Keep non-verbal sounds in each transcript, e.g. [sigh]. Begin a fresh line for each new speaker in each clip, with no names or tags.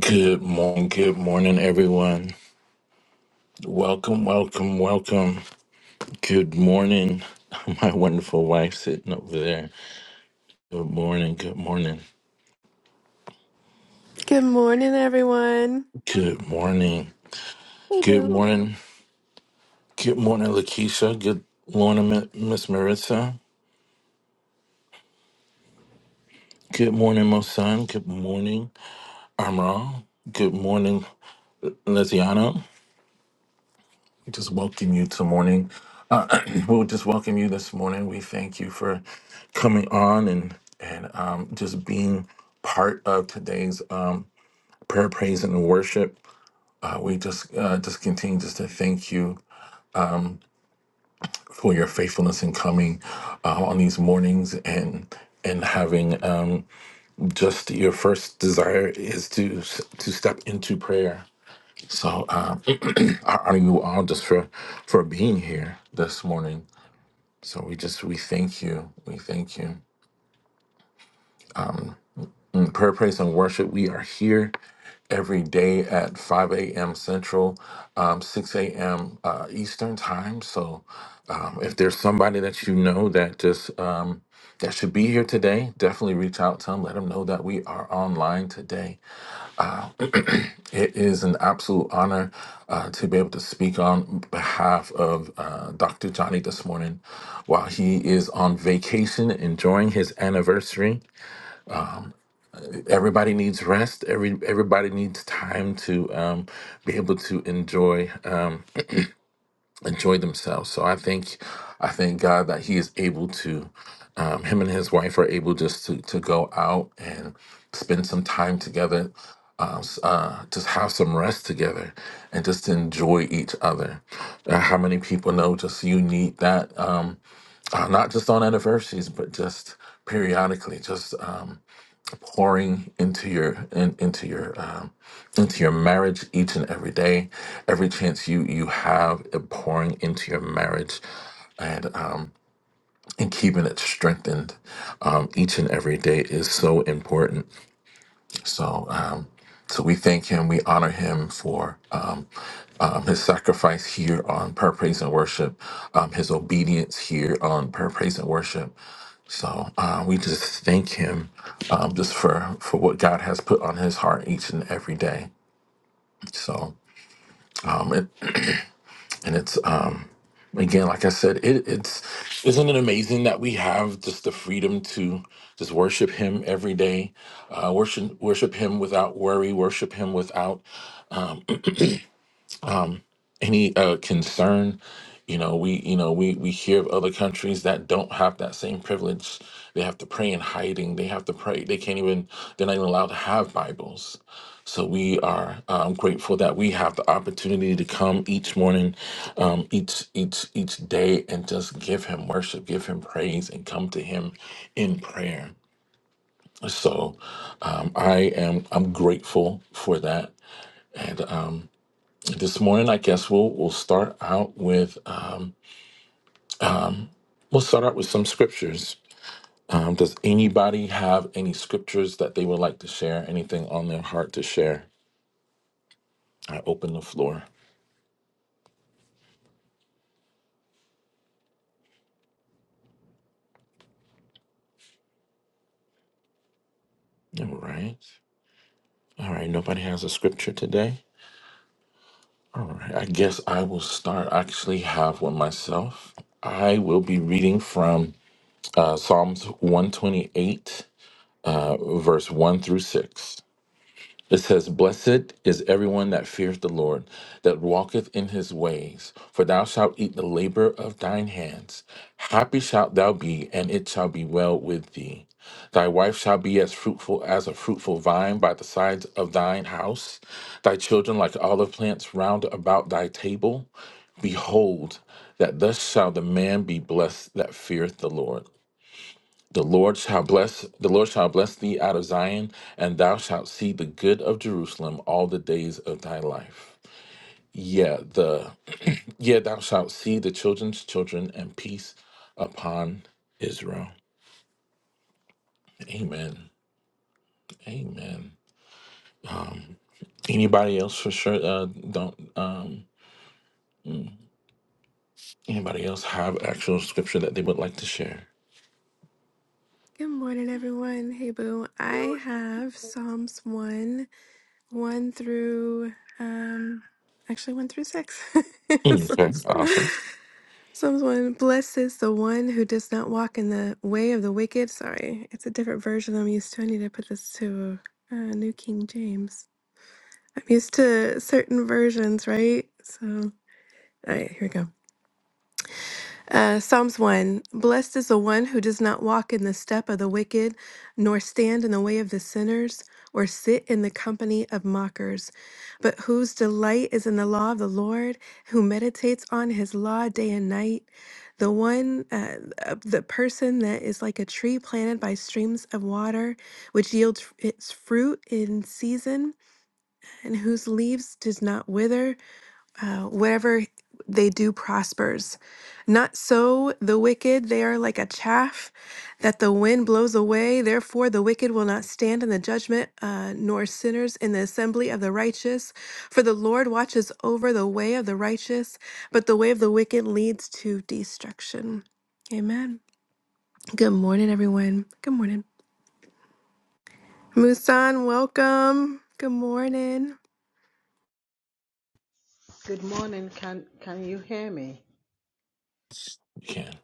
Good morning, good morning, everyone. Welcome, welcome, welcome. Good morning. [laughs] My wonderful wife sitting over there. Good morning, good morning,
Good morning, everyone.
good morning,
Hey,
good
boo.
morning, good morning, Lakeisha. Good morning, Mi- Miss Marissa. Good morning, Mosan. Good morning, Amram. Good morning, Lesiano. Just welcome you to morning. We'll just welcome you this morning. We thank you for coming on and and um, just being part of today's um, prayer, praise, and worship. Uh, we just uh, just continue just to thank you for your faithfulness in coming uh, on these mornings and and having um, just your first desire is to to step into prayer. So uh, I honor you all just for for being here this morning. So we just we thank you. We thank you. In prayer, praise, and worship, we are here every day at 5 a.m. Central, um, 6 a.m. Uh, Eastern time. So um, if there's somebody that you know that just um, that should be here today, definitely reach out to them. Let them know that we are online today. It is an absolute honor uh, to be able to speak on behalf of uh, Dr. Johnny this morning while he is on vacation enjoying his anniversary. everybody needs rest. Every everybody needs time to um, be able to enjoy uh, enjoy themselves. So I think I thank God that He is able to. Um, him and his wife are able just to to go out and spend some time together. Uh, s- uh, just have some rest together and just to enjoy each other. Uh, how many people know just you need that, um, uh, not just on anniversaries, but just periodically, just um, pouring into your in, into your um, into your marriage each and every day, every chance you you have of pouring into your marriage and um, and keeping it strengthened um, each and every day is so important. So um, so we thank him, we honor him for um, um, his sacrifice here on Prayer, Praise, and Worship, um, his obedience here on Prayer, Praise, and Worship. So uh, we just thank him um, just for for what God has put on his heart each and every day. So um, it, and it's uh, again, like I said, it, it's isn't it amazing that we have just the freedom to just worship Him every day, uh, worship worship Him without worry, worship Him without any uh, concern. You know, we you know we we hear of other countries that don't have that same privilege. They have to pray in hiding. They have to pray. They can't even. They're not even allowed to have Bibles. So we are um, grateful that we have the opportunity to come each morning, um, each each each day, and just give Him worship, give Him praise, and come to Him in prayer. So um, I am I'm grateful for that, and um, this morning, I guess we'll we'll start out with um, we'll start out with some scriptures. Um, does anybody have any scriptures that they would like to share? Anything on their heart to share? I open the floor. All right, all right. Nobody has a scripture today. All right. I guess I will start. I actually have one myself. I will be reading from uh, Psalms one twenty eight, uh, verse one through six. It says, Blessed is everyone that feareth the Lord, that walketh in his ways, for thou shalt eat the labor of thine hands. Happy shalt thou be, and it shall be well with thee. Thy wife shall be as fruitful as a fruitful vine by the sides of thine house, thy children like olive plants round about thy table. Behold, that thus shall the man be blessed that feareth the Lord. The Lord shall bless the Lord shall bless thee out of Zion, and thou shalt see the good of Jerusalem all the days of thy life. Yeah, the yeah thou shalt see the children's children and peace upon Israel. Amen. Amen. Um, anybody else for sure? Uh, don't um, mm, anybody else have actual scripture that they would like to share?
Good morning, everyone. Hey, Boo. I have Psalms 1, 1 through, um, actually 1 through 6. [laughs]
Mm, Okay,
Psalms,
awesome.
Psalms 1. Blessed is the one who does not walk in the way of the wicked. Sorry, it's a different version I'm used to. I need to put this to uh, New King James. I'm used to certain versions, right? So, all right, here we go. Uh, Psalms 1 Blessed is the one who does not walk in the step of the wicked, nor stand in the way of the sinners, or sit in the company of mockers, but whose delight is in the law of the Lord, who meditates on his law day and night. The one, uh, uh, the person that is like a tree planted by streams of water, which yields its fruit in season, and whose leaves does not wither uh, whatever they do prospers. Not so the wicked, they are like a chaff that the wind blows away. Therefore, the wicked will not stand in the judgment, uh, nor sinners in the assembly of the righteous. For the Lord watches over the way of the righteous, but the way of the wicked leads to destruction. Amen. Good morning, everyone. Good morning. Musan, welcome. Good morning.
Good morning. Can can you hear me?
You can.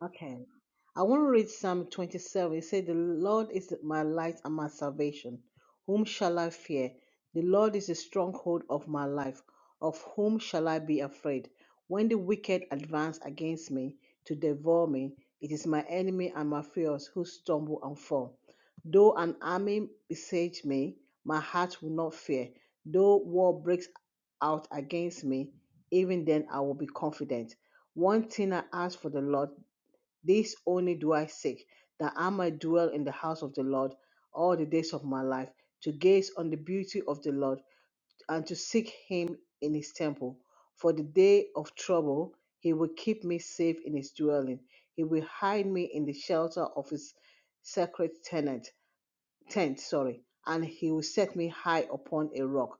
Okay. I want to read Psalm 27. It says, The Lord is my light and my salvation. Whom shall I fear? The Lord is the stronghold of my life. Of whom shall I be afraid? When the wicked advance against me to devour me, it is my enemy and my foes who stumble and fall. Though an army besiege me, my heart will not fear. Though war breaks out against me, even then I will be confident. One thing I ask for the Lord this only do I seek, that I might dwell in the house of the Lord all the days of my life, to gaze on the beauty of the Lord, and to seek him in his temple. For the day of trouble, he will keep me safe in his dwelling. He will hide me in the shelter of his sacred tent tent, sorry, and he will set me high upon a rock.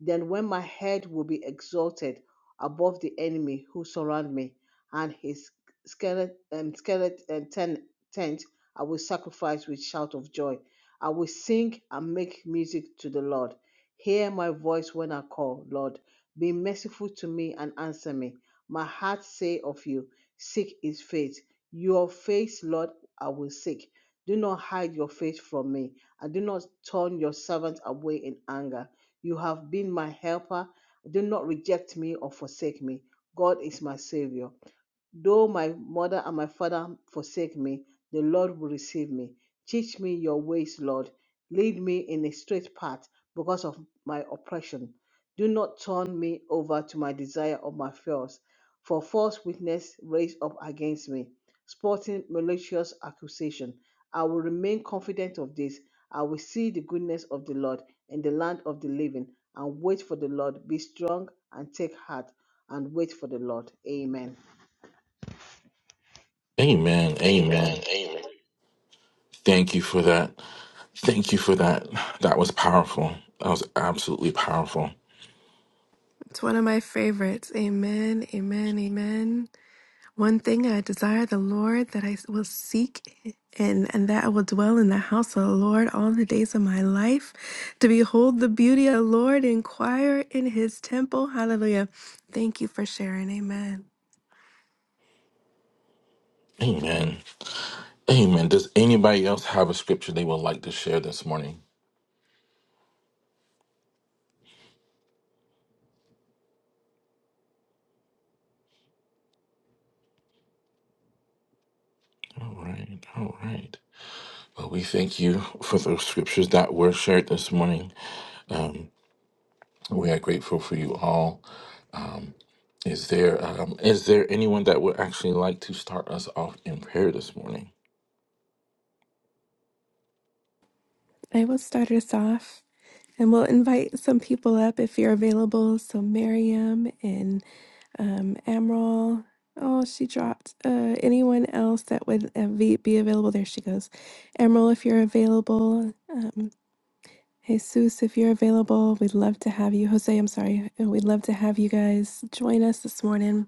Then when my head will be exalted above the enemy who surround me, and his skeleton um, skelet, um, ten, tent I will sacrifice with shout of joy. I will sing and make music to the Lord. Hear my voice when I call, Lord. Be merciful to me and answer me. My heart say of you, seek his face. Your face, Lord, I will seek. Do not hide your face from me and do not turn your servant away in anger. You have been my helper. Do not reject me or forsake me. God is my Savior. Though my mother and my father forsake me, the Lord will receive me. Teach me your ways, Lord. Lead me in a straight path because of my oppression. Do not turn me over to my desire or my fears, for false witness raised up against me, sporting malicious accusation. I will remain confident of this. I will see the goodness of the Lord in the land of the living and wait for the Lord. Be strong and take heart and wait for the Lord. Amen.
Amen.
Amen.
Amen.
Amen.
Thank you for that. Thank you for that. That was powerful. That was absolutely powerful.
It's one of my favorites. Amen, amen, amen. One thing I desire the Lord that I will seek and, and that I will dwell in the house of the Lord all the days of my life, to behold the beauty of the Lord, inquire in his temple. Hallelujah. Thank you for sharing. Amen.
Amen. Amen. Does anybody else have a scripture they would like to share this morning? All right. All right. Well, we thank you for the scriptures that were shared this morning. Um, we are grateful for you all. Um, is there um, is there anyone that would actually like to start us off in prayer this morning?
I will start us off and we'll invite some people up if you're available. So, Miriam and um, Emerald. Oh, she dropped. Uh, anyone else that would uh, be, be available? There she goes. Emerald, if you're available. Um, Jesus, if you're available, we'd love to have you. Jose, I'm sorry. We'd love to have you guys join us this morning.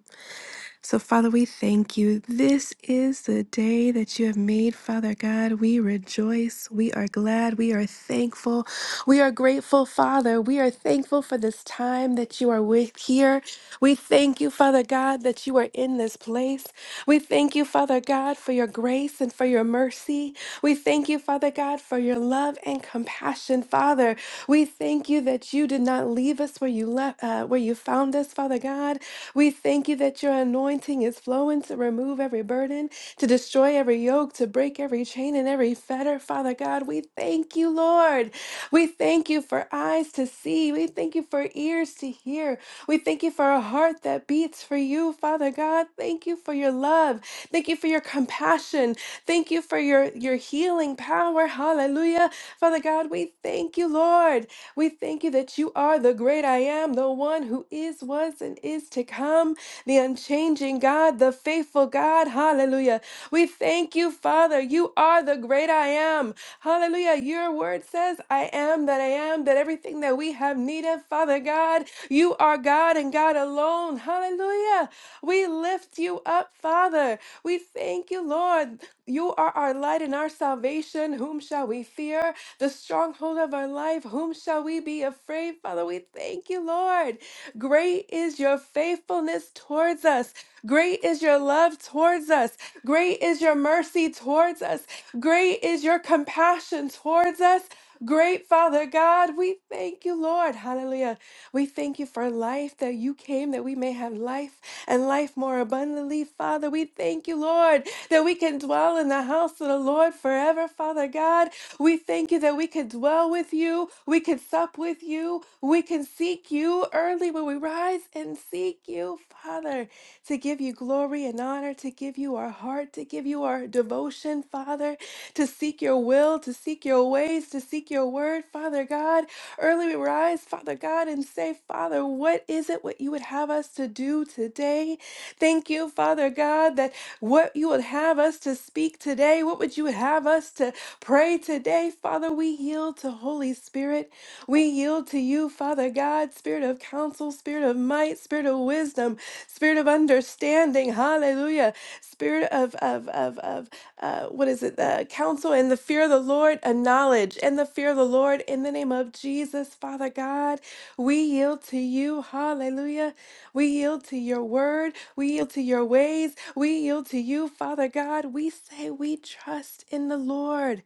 So, Father, we thank you. This is the day that you have made, Father God. We rejoice. We are glad. We are thankful. We are grateful, Father. We are thankful for this time that you are with here. We thank you, Father God, that you are in this place. We thank you, Father God, for your grace and for your mercy. We thank you, Father God, for your love and compassion, Father. We thank you that you did not leave us where you left, uh, where you found us, Father God. We thank you that your anointing is flowing to remove every burden, to destroy every yoke, to break every chain and every fetter, Father God. We thank you, Lord. We thank you for eyes to see. We thank you for ears to hear. We thank you for a heart that beats for you, Father God. Thank you for your love. Thank you for your compassion. Thank you for your, your healing power. Hallelujah. Father God, we thank you, Lord. We thank you that you are the great I am, the one who is, was, and is to come, the unchanging God, the faithful God. Hallelujah. We thank you, Father. You are the great I am. Hallelujah. Your word says, I am that I am, that everything that we have need of, Father God, you are God and God alone. Hallelujah. We lift you up, Father. We thank you, Lord. You are our light and our salvation. Whom shall we fear? The stronghold of our life. Whom shall we be afraid? Father, we thank you, Lord. Great is your faithfulness towards us. Great is your love towards us. Great is your mercy towards us. Great is your compassion towards us. Great Father God, we thank you, Lord. Hallelujah. We thank you for life that you came that we may have life and life more abundantly, Father. We thank you, Lord, that we can dwell in the house of the Lord forever, Father God. We thank you that we could dwell with you, we could sup with you, we can seek you early when we rise and seek you, Father, to give you glory and honor, to give you our heart, to give you our devotion, Father to seek your will, to seek your ways, to seek your word, Father God. Early we rise, Father God, and say, Father, what is it what you would have us to do today? Thank you, Father God, that what you would have us to speak today, what would you have us to pray today, Father? We yield to Holy Spirit. We yield to you, Father God, Spirit of counsel, Spirit of might, Spirit of wisdom, Spirit of understanding. Hallelujah. Spirit of of of of uh, what is it? The counsel and the fear of the Lord, a knowledge and the fear of the Lord in the name of Jesus, Father God. We yield to you. Hallelujah. We yield to your word. We yield to your ways. We yield to you, Father God. We say we trust in the Lord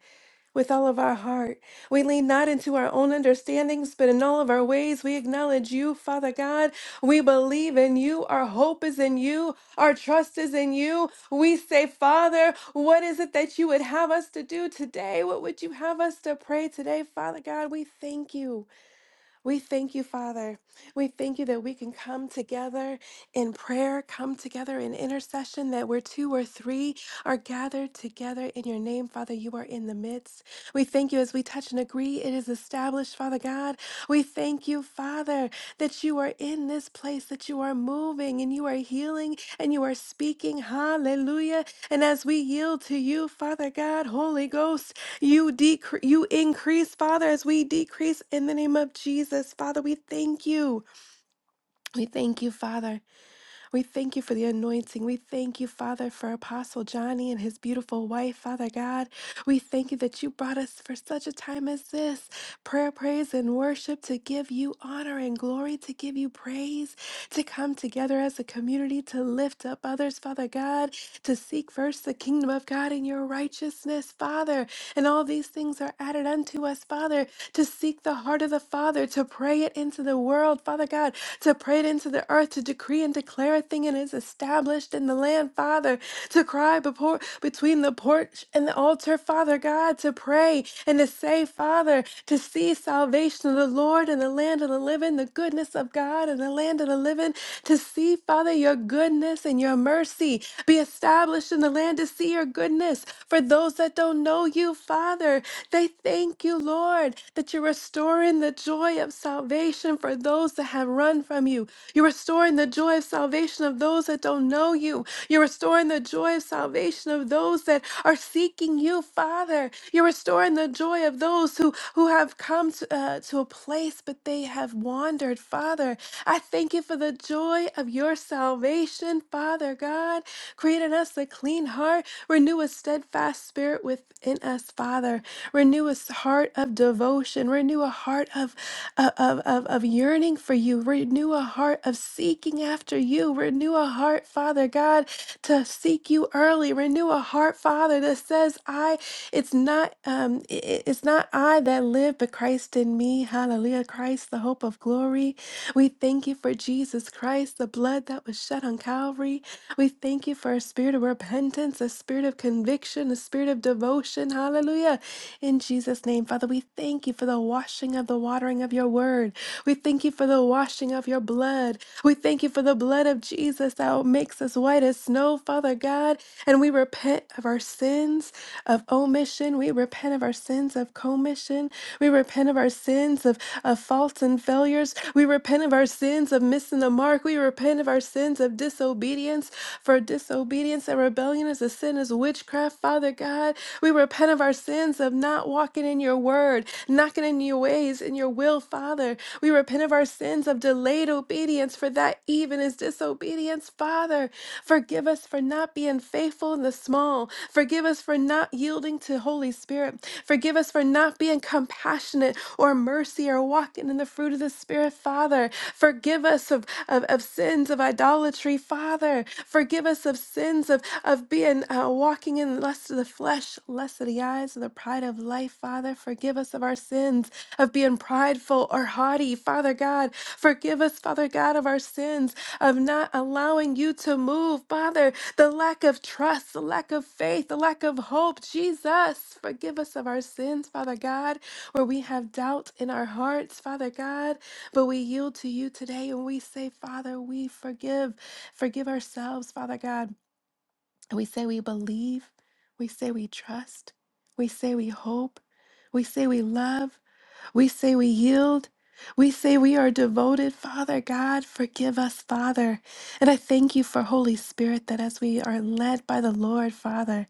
with all of our heart. We lean not into our own understandings, but in all of our ways we acknowledge you, Father God. We believe in you. Our hope is in you. Our trust is in you. We say, Father, what is it that you would have us to do today? What would you have us to pray today, Father God? We thank you. We thank you, Father. We thank you that we can come together in prayer, come together in intercession, that where two or three are gathered together in your name, Father, you are in the midst. We thank you as we touch and agree, it is established, Father God. We thank you, Father, that you are in this place, that you are moving and you are healing and you are speaking. Hallelujah. And as we yield to you, Father God, Holy Ghost, you decrease, you increase, Father, as we decrease in the name of Jesus. Father, we thank you. We thank you, Father. We thank you for the anointing. We thank you, Father, for Apostle Johnny and his beautiful wife, Father God. We thank you that you brought us for such a time as this. Prayer, praise, and worship to give you honor and glory, to give you praise, to come together as a community, to lift up others, Father God, to seek first the kingdom of God and your righteousness, Father. And all these things are added unto us, Father, to seek the heart of the Father, to pray it into the world, Father God, to pray it into the earth, to decree and declare a thing and is established in the land, Father, to cry before between the porch and the altar, Father God, to pray and to say, Father, to see salvation of the Lord in the land of the living, the goodness of God in the land of the living, to see, Father, your goodness and your mercy be established in the land, to see your goodness, for those that don't know you, Father, they thank you, Lord, that you're restoring the joy of salvation for those that have run from you. You're restoring the joy of salvation of those that don't know you. You're restoring the joy of salvation of those that are seeking you, Father. You're restoring the joy of those who, who have come to, uh, to a place, but they have wandered, Father. I thank you for the joy of your salvation, Father God. Create in us the clean heart. Renew a steadfast spirit within us, Father. Renew a s- heart of devotion. Renew a heart of, of, of, of yearning for you. Renew a heart of seeking after you. Renew a heart, Father God, to seek you early. Renew a heart, Father, that says, I it's not um i- i- it's not I that live, but Christ in me. Hallelujah. Christ, the hope of glory. We thank you for Jesus Christ, the blood that was shed on Calvary. We thank you for a spirit of repentance, a spirit of conviction, a spirit of devotion. Hallelujah. In Jesus' name, Father, we thank you for the washing of the watering of your word. We thank you for the washing of your blood. We thank you for the blood of Jesus that makes us white as snow, Father God. And we repent of our sins of omission. We repent repent of our sins of commission. We repent of our sins of, of faults and failures. We repent of our sins of missing the mark. We repent of our sins of disobedience. For disobedience and rebellion is a sin, is witchcraft, Father God. We repent of our sins of not walking in your word, not getting in your ways, in your will, Father. We repent of our sins sins of delayed obedience, for that even is disobedience. Father, forgive us for not being faithful in the small. Forgive us for not yielding to Holy Spirit. Forgive us for not being compassionate or mercy or walking in the fruit of the Spirit, Father. Forgive us of, of, of sins of idolatry, Father. Forgive us of sins of, of being uh, walking in lust of the flesh, lust of the eyes, and the pride of life, Father. Forgive us of our sins of being prideful or haughty, Father God. Forgive us, Father God, of our sins, of not allowing you to move. Father, the lack of trust, the lack of faith, the lack of hope. Jesus, forgive us of our sins, Father God, where we have doubt in our hearts, Father God. But we yield to you today and we say, Father, we forgive. Forgive ourselves, Father God. And we say we believe. We say we trust. We say we hope. We say we love. We say we yield. We say we are devoted. Father God, forgive us, Father. And I thank you for Holy Spirit that as we are led by the Lord, Father,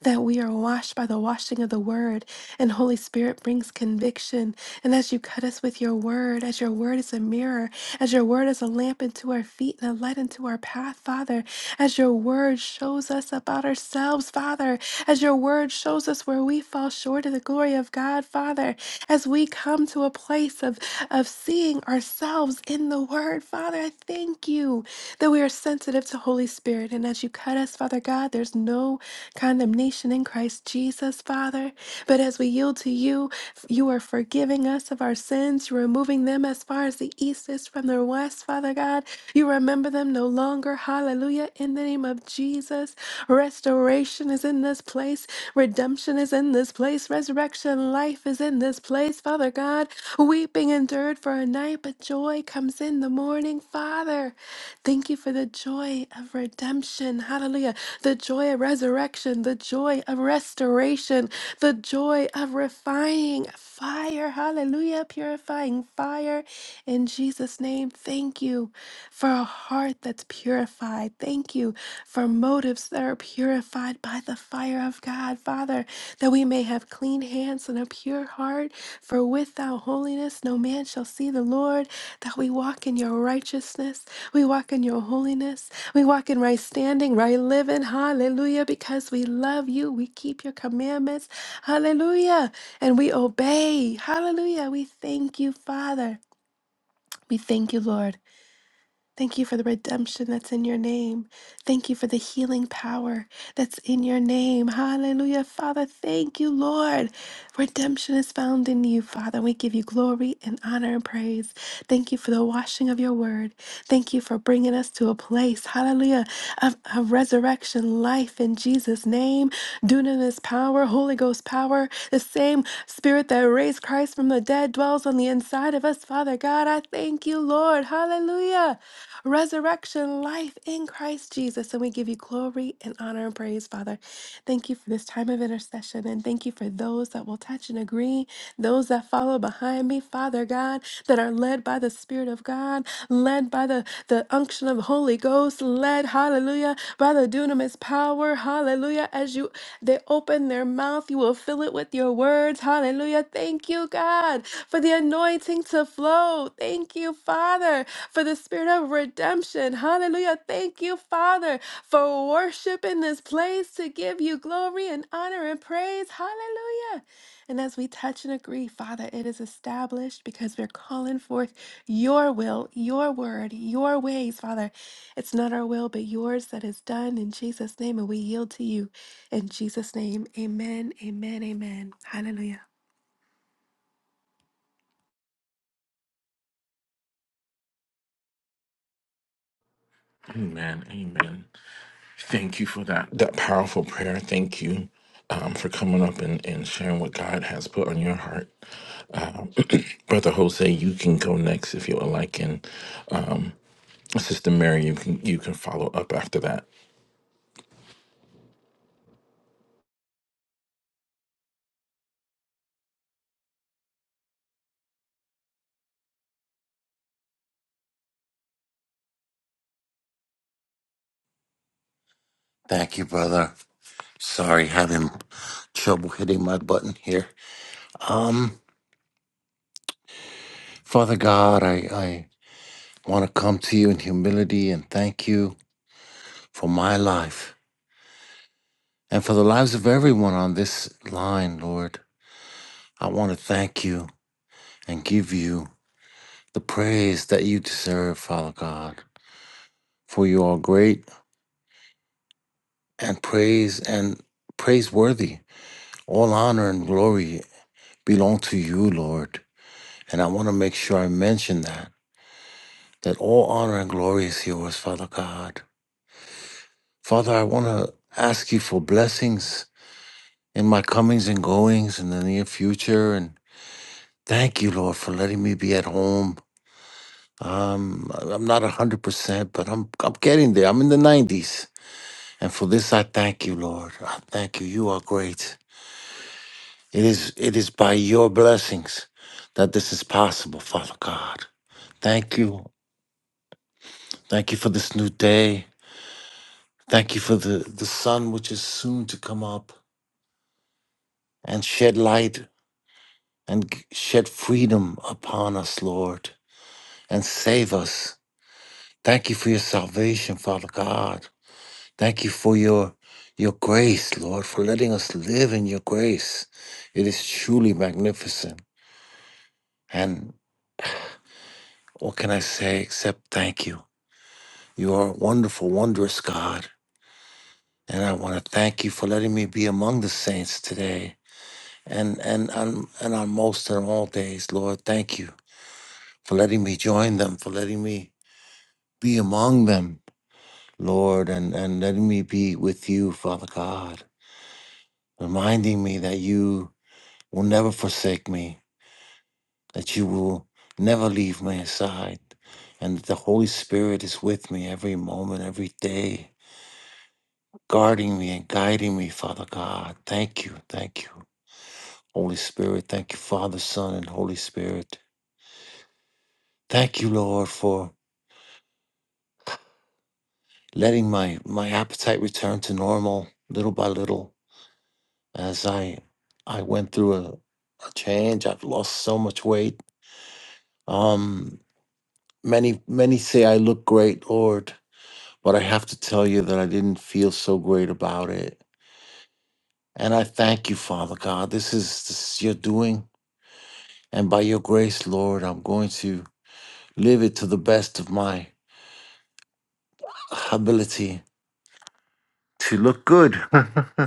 that we are washed by the washing of the word. And Holy Spirit brings conviction. And as you cut us with your word, as your word is a mirror, as your word is a lamp into our feet and a light into our path, Father, as your word shows us about ourselves, Father, as your word shows us where we fall short of the glory of God, Father as we come to a place of, of seeing ourselves in the Word. Father, I thank you that we are sensitive to Holy Spirit. And as you cut us, Father God, there's no condemnation in Christ Jesus, Father. But as we yield to you, you are forgiving us of our sins, removing them as far as the east is from the west, Father God. You remember them no longer. Hallelujah. In the name of Jesus, restoration is in this place, redemption is in this place, resurrection life is in this place, Father God. Weeping endured for a night, but joy comes in the morning, Father. Thank you for the joy of redemption. Hallelujah. The joy of resurrection, the joy of restoration, the joy of refining fire. Hallelujah. Purifying fire. In Jesus' name, thank you for a heart that's purified. Thank you for motives that. are are purified by the fire of God, Father, that we may have clean hands and a pure heart. For without holiness, no man shall see the Lord. That we walk in your righteousness, we walk in your holiness, we walk in right standing, right living. Hallelujah. Because we love you, we keep your commandments. Hallelujah. And we obey. Hallelujah. We thank you, Father. We thank you, Lord. Thank you for the redemption that's in your name. Thank you for the healing power that's in your name. Hallelujah. Father, thank you, Lord. Redemption is found in you, Father. We give you glory and honor and praise. Thank you for the washing of your word. Thank you for bringing us to a place, hallelujah, of, of resurrection life in Jesus' name. Dunamis power, Holy Ghost power, the same spirit that raised Christ from the dead dwells on the inside of us, Father God. I thank you, Lord. Hallelujah resurrection life in Christ Jesus. And we give you glory and honor and praise, Father. Thank you for this time of intercession and thank you for those that will touch and agree, those that follow behind me, Father God, that are led by the Spirit of God, led by the, the unction of the Holy Ghost, led, hallelujah, by the dunamis power power. Hallelujah. As you they open their mouth, you will fill it with your words. Hallelujah. Thank you, God, for the anointing to flow. Thank you, Father, for the spirit of redemption. Hallelujah. Thank you, Father, for worship in this place to give you glory and honor and praise. Hallelujah. And as we touch and agree, Father, it is established because we're calling forth your will, your word, your ways, Father. It's not our will, but yours that is done in Jesus' name. And we yield to you in Jesus' name. Amen, amen, amen. Hallelujah.
Amen. Amen. Thank you for that that powerful prayer. Thank you um, for coming up and, and sharing what God has put on your heart. Um, [clears throat] Brother Jose, you can go next if you would like, and um, Sister Mary, you can you can follow up after that.
Thank you, brother. Sorry, having trouble hitting my button here. Um, Father God, I, I want to come to you in humility and thank you for my life and for the lives of everyone on this line, Lord. I want to thank you and give you the praise that you deserve, Father God, for you are great and praise and praiseworthy. All honor and glory belong to you, Lord. And I want to make sure I mention that that all honor and glory is yours, Father God. Father, I want to ask you for blessings in my comings and goings in the near future. And thank you, Lord, for letting me be at home. Um, I'm not 100%, but I'm, I'm getting there. I'm in the 90s. And for this, I thank you, Lord. I thank you. You are great. It is, it is by your blessings that this is possible, Father God. Thank you. Thank you for this new day. Thank you for the, the sun, which is soon to come up. and shed light and g- shed freedom upon us, Lord, and save us. Thank you for your salvation, Father God. Thank you for your your grace, Lord, for letting us live in your grace. It is truly magnificent. And what can I say except thank you? You are a wonderful, wondrous God. And I want to thank you for letting me be among the saints today and and on and on most and all days, Lord. Thank you for letting me join them, for letting me be among them, Lord, and, and letting me be with you, Father God, reminding me that you will never forsake me, that you will never leave my side, and that the Holy Spirit is with me every moment, every day, guarding me and guiding me, Father God. Thank you, thank you, Holy Spirit. Thank you, Father, Son, and Holy Spirit. Thank you, Lord, for letting my, my appetite return to normal little by little as I I went through a, a change. I've lost so much weight. Um, many many say I look great, Lord, but I have to tell you that I didn't feel so great about it. And I thank you, Father God. This is this is your doing, and by your grace, Lord, I'm going to live it to the best of my ability to look good. [laughs]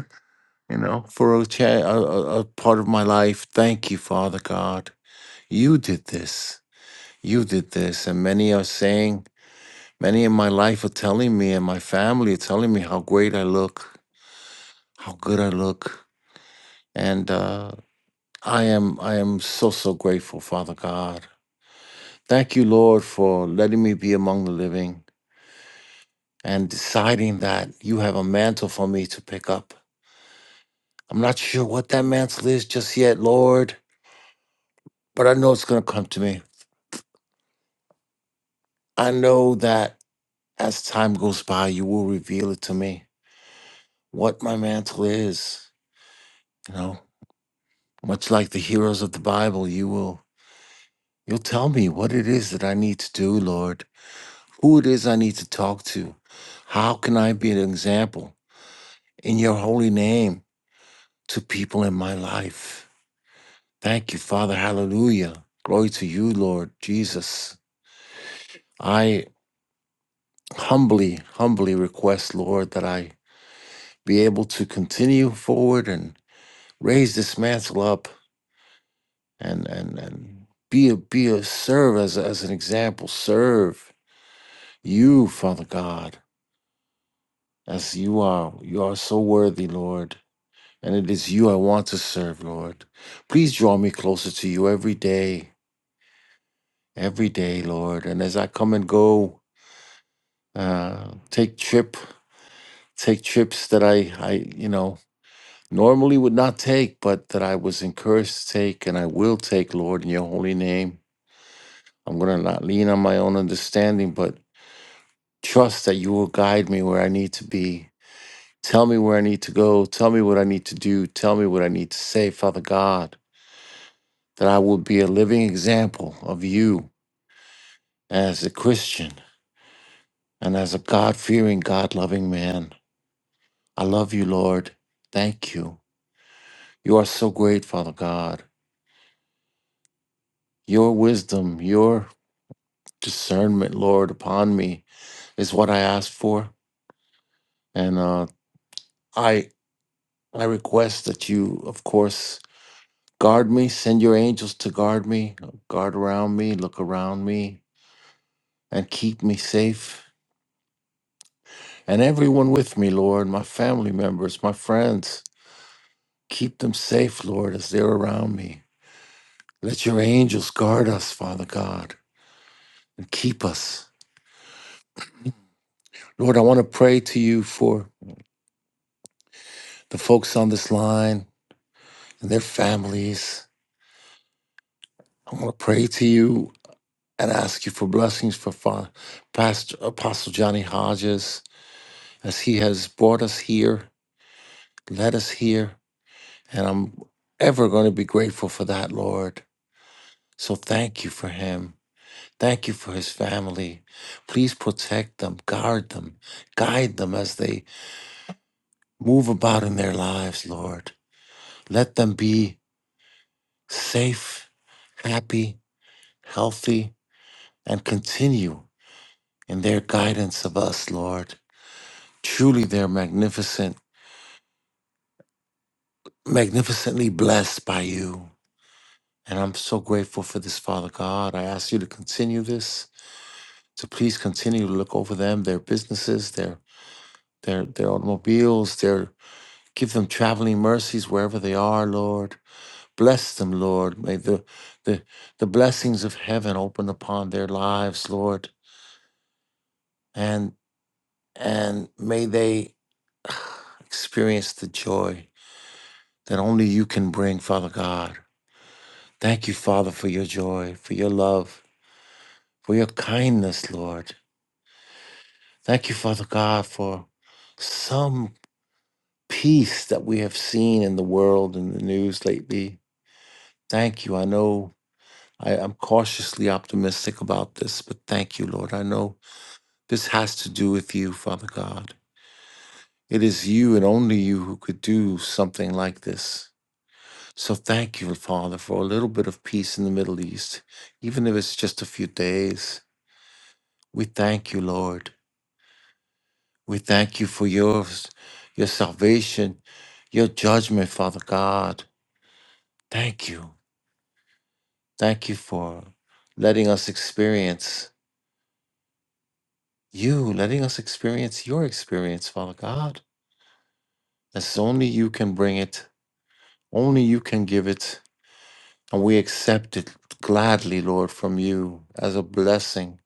you know, for a, cha- a, a a part of my life. Thank you, Father God. You did this. you did this and many are saying many in my life are telling me and my family are telling me how great i look how good i look and uh, i am i am so so grateful father god thank you lord for letting me be among the living and deciding that you have a mantle for me to pick up i'm not sure what that mantle is just yet lord but i know it's going to come to me i know that as time goes by you will reveal it to me what my mantle is you know Much like the heroes of the Bible, you will you'll tell me what it is that I need to do, Lord, who it is I need to talk to. How can I be an example in your holy name to people in my life? Thank you, Father. Hallelujah. Glory to you, Lord Jesus. I humbly, humbly request, Lord, that I be able to continue forward and raise this mantle up and and and be a be a serve as, a- as an example, serve You, Father God, as you are, you are so worthy, Lord, and it is you I want to serve, Lord. Please draw me closer to you every day, every day, Lord. And as I come and go, uh, take trip, take trips that I, I, you know, normally would not take, but that I was encouraged to take, and I will take, Lord, in your holy name. I'm gonna not lean on my own understanding, but trust that you will guide me where I need to be Tell me where I need to go. Tell me what I need to do. Tell me what I need to say, Father God, that I will be a living example of you as a Christian and as a God fearing, God loving man. I love you, Lord. Thank you. You are so great, Father God. Your wisdom, your discernment, Lord, upon me is what I ask for. And uh, I, I request that you, of course, guard me, send your angels to guard me, guard around me, look around me, and keep me safe and everyone with me, Lord, my family members, my friends. Keep them safe, Lord, as they're around me. Let your angels guard us, Father God, and keep us. Lord, I want to pray to you for the folks on this line and their families. I want to pray to you and ask you for blessings for Fa- Pastor Apostle Johnny Hodges as he has brought us here, led us here, and I'm ever going to be grateful for that, Lord. So thank you for him. Thank you for his family. Please protect them, guard them, guide them as they move about in their lives, Lord. Let them be safe, happy, healthy, and continue in their guidance of us, Lord. Truly, they're magnificent, magnificently blessed by you. And I'm so grateful for this, Father God. I ask you to continue this, to please continue to look over them, their businesses, their their their automobiles, their give them traveling mercies wherever they are, Lord. Bless them, Lord. May the the the blessings of heaven open upon their lives, Lord. And and may they [sighs] experience the joy that only you can bring, Father God. Thank you, Father, for your joy, for your love, for your kindness, Lord. Thank you, Father God, for some peace that we have seen in the world and the news lately Thank you. I know I, I'm cautiously optimistic about this, but thank you, Lord. I know this has to do with you, Father God. It is you and only you who could do something like this. So thank you, Father, for a little bit of peace in the Middle East, even if it's just a few days. We thank you, Lord. We thank you for your, your salvation, your judgment, Father God. Thank you. Thank you for letting us experience. you letting us experience your experience, Father God. As only you can bring it, only you can give it, and we accept it gladly, Lord, from you as a blessing.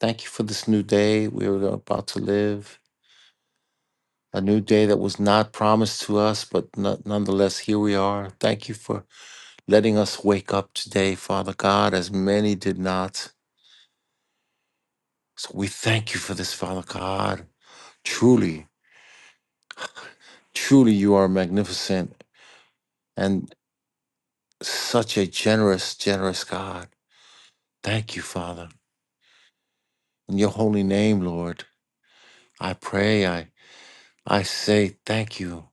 Thank you for this new day we are about to live, a new day that was not promised to us, but no- nonetheless, here we are. Thank you for letting us wake up today, Father God, as many did not. So we thank you for this, Father God. Truly, truly, you are magnificent Such a generous, generous God. Thank you, Father. In your holy name, Lord, I pray, I, I say thank you.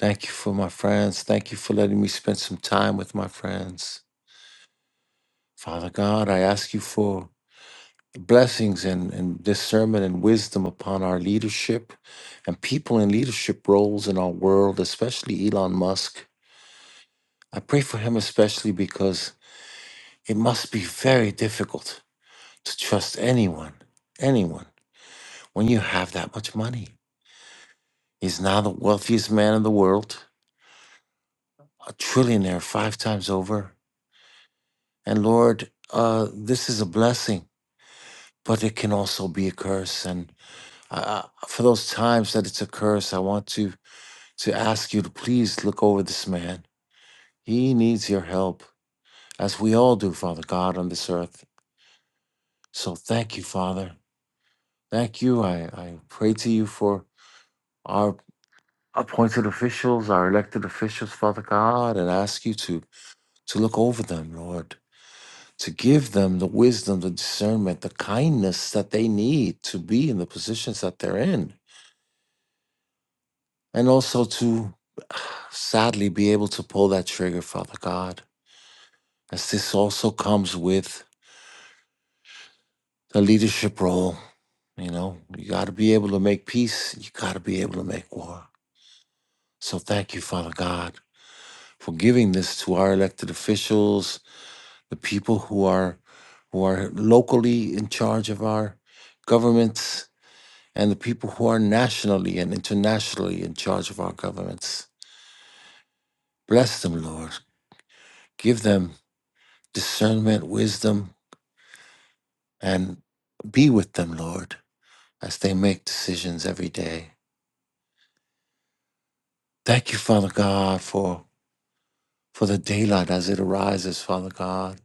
Thank you for my friends. Thank you for letting me spend some time with my friends. Father God, I ask you for blessings and, and discernment and wisdom upon our leadership and people in leadership roles in our world, especially Elon Musk. I pray for him especially because it must be very difficult to trust anyone, anyone. when you have that much money. He's now the wealthiest man in the world, a trillionaire five times over. And Lord, uh, this is a blessing, but it can also be a curse. And uh, uh, for those times that it's a curse, I want to, to ask you to please look over this man. He needs your help, as we all do, Father God, on this earth. So thank you, Father. Thank you. I, I pray to you for our appointed officials, our elected officials, Father God, and ask you to to look over them, Lord, to give them the wisdom, the discernment, the kindness that they need to be in the positions that they're in. And also to [sighs] sadly be able to pull that trigger, Father God, as this also comes with a leadership role. You know, you got to be able to make peace, you got to be able to make war. So thank you, Father God, for giving this to our elected officials, the people who are who are locally in charge of our governments and the people who are nationally and internationally in charge of our governments. Bless them, Lord. Give them discernment, wisdom, and be with them, Lord, as they make decisions every day. Thank you, Father God, for, for the daylight as it arises, Father God.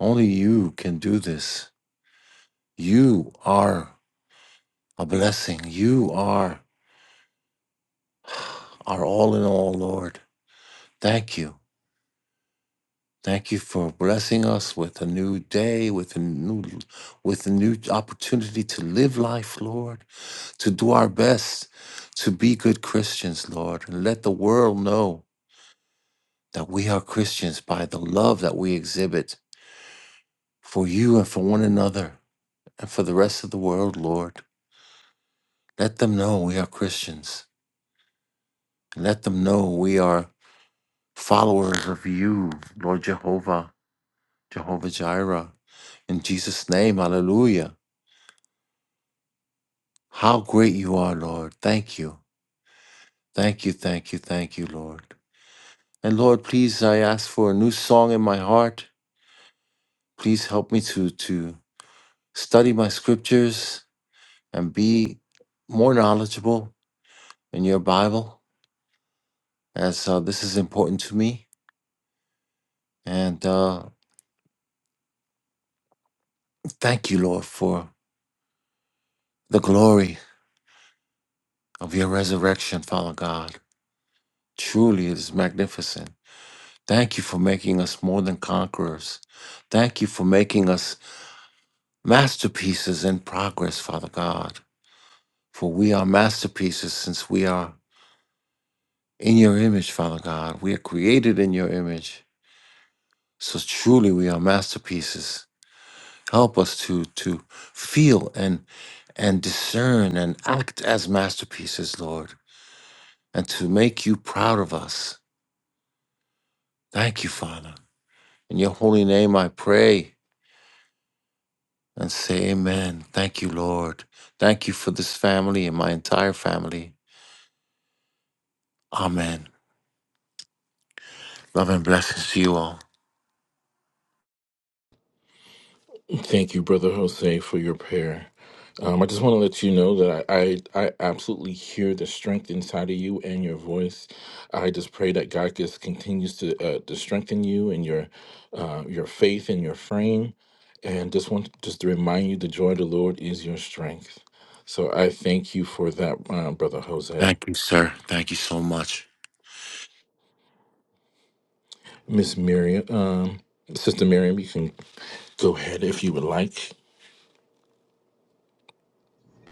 Only you can do this. You are a blessing. You are [sighs] our all in all, Lord. Thank you. Thank you for blessing us with a new day, with a new, with a new opportunity to live life, Lord, to do our best, to be good Christians, Lord, and let the world know that we are Christians by the love that we exhibit for you and for one another and for the rest of the world, Lord. Let them know we are Christians. Let them know we are followers of you, Lord Jehovah, Jehovah Jireh. In Jesus' name, hallelujah. How great you are, Lord. Thank you. Thank you, thank you, thank you, Lord. And Lord, please I ask for a new song in my heart. Please help me to to study my scriptures and be more knowledgeable in your Bible as uh, this is important to me. And uh, thank you, Lord, for the glory of your resurrection, Father God. Truly it is magnificent. Thank you for making us more than conquerors. Thank you for making us masterpieces in progress, Father God. For we are masterpieces since we are in your image, Father God. We are created in your image. So truly we are masterpieces. Help us to to feel and and discern and act as masterpieces, Lord, and to make you proud of us. Thank you, Father. In your holy name I pray and say amen. Thank you, Lord. Thank you for this family and my entire family. Amen. Love and blessings to you all.
Thank you, Brother Jose, for your prayer. Um, I just want to let you know that I, I, I absolutely hear the strength inside of you and your voice. I just pray that God just continues to uh, to strengthen you and your uh, your faith and your frame. And just want just to remind you, the joy of the Lord is your strength. So I thank you for that, uh, Brother Jose.
Thank you, sir. Thank you so much.
Miss Miriam, um, Sister Miriam, you can go ahead if you would like.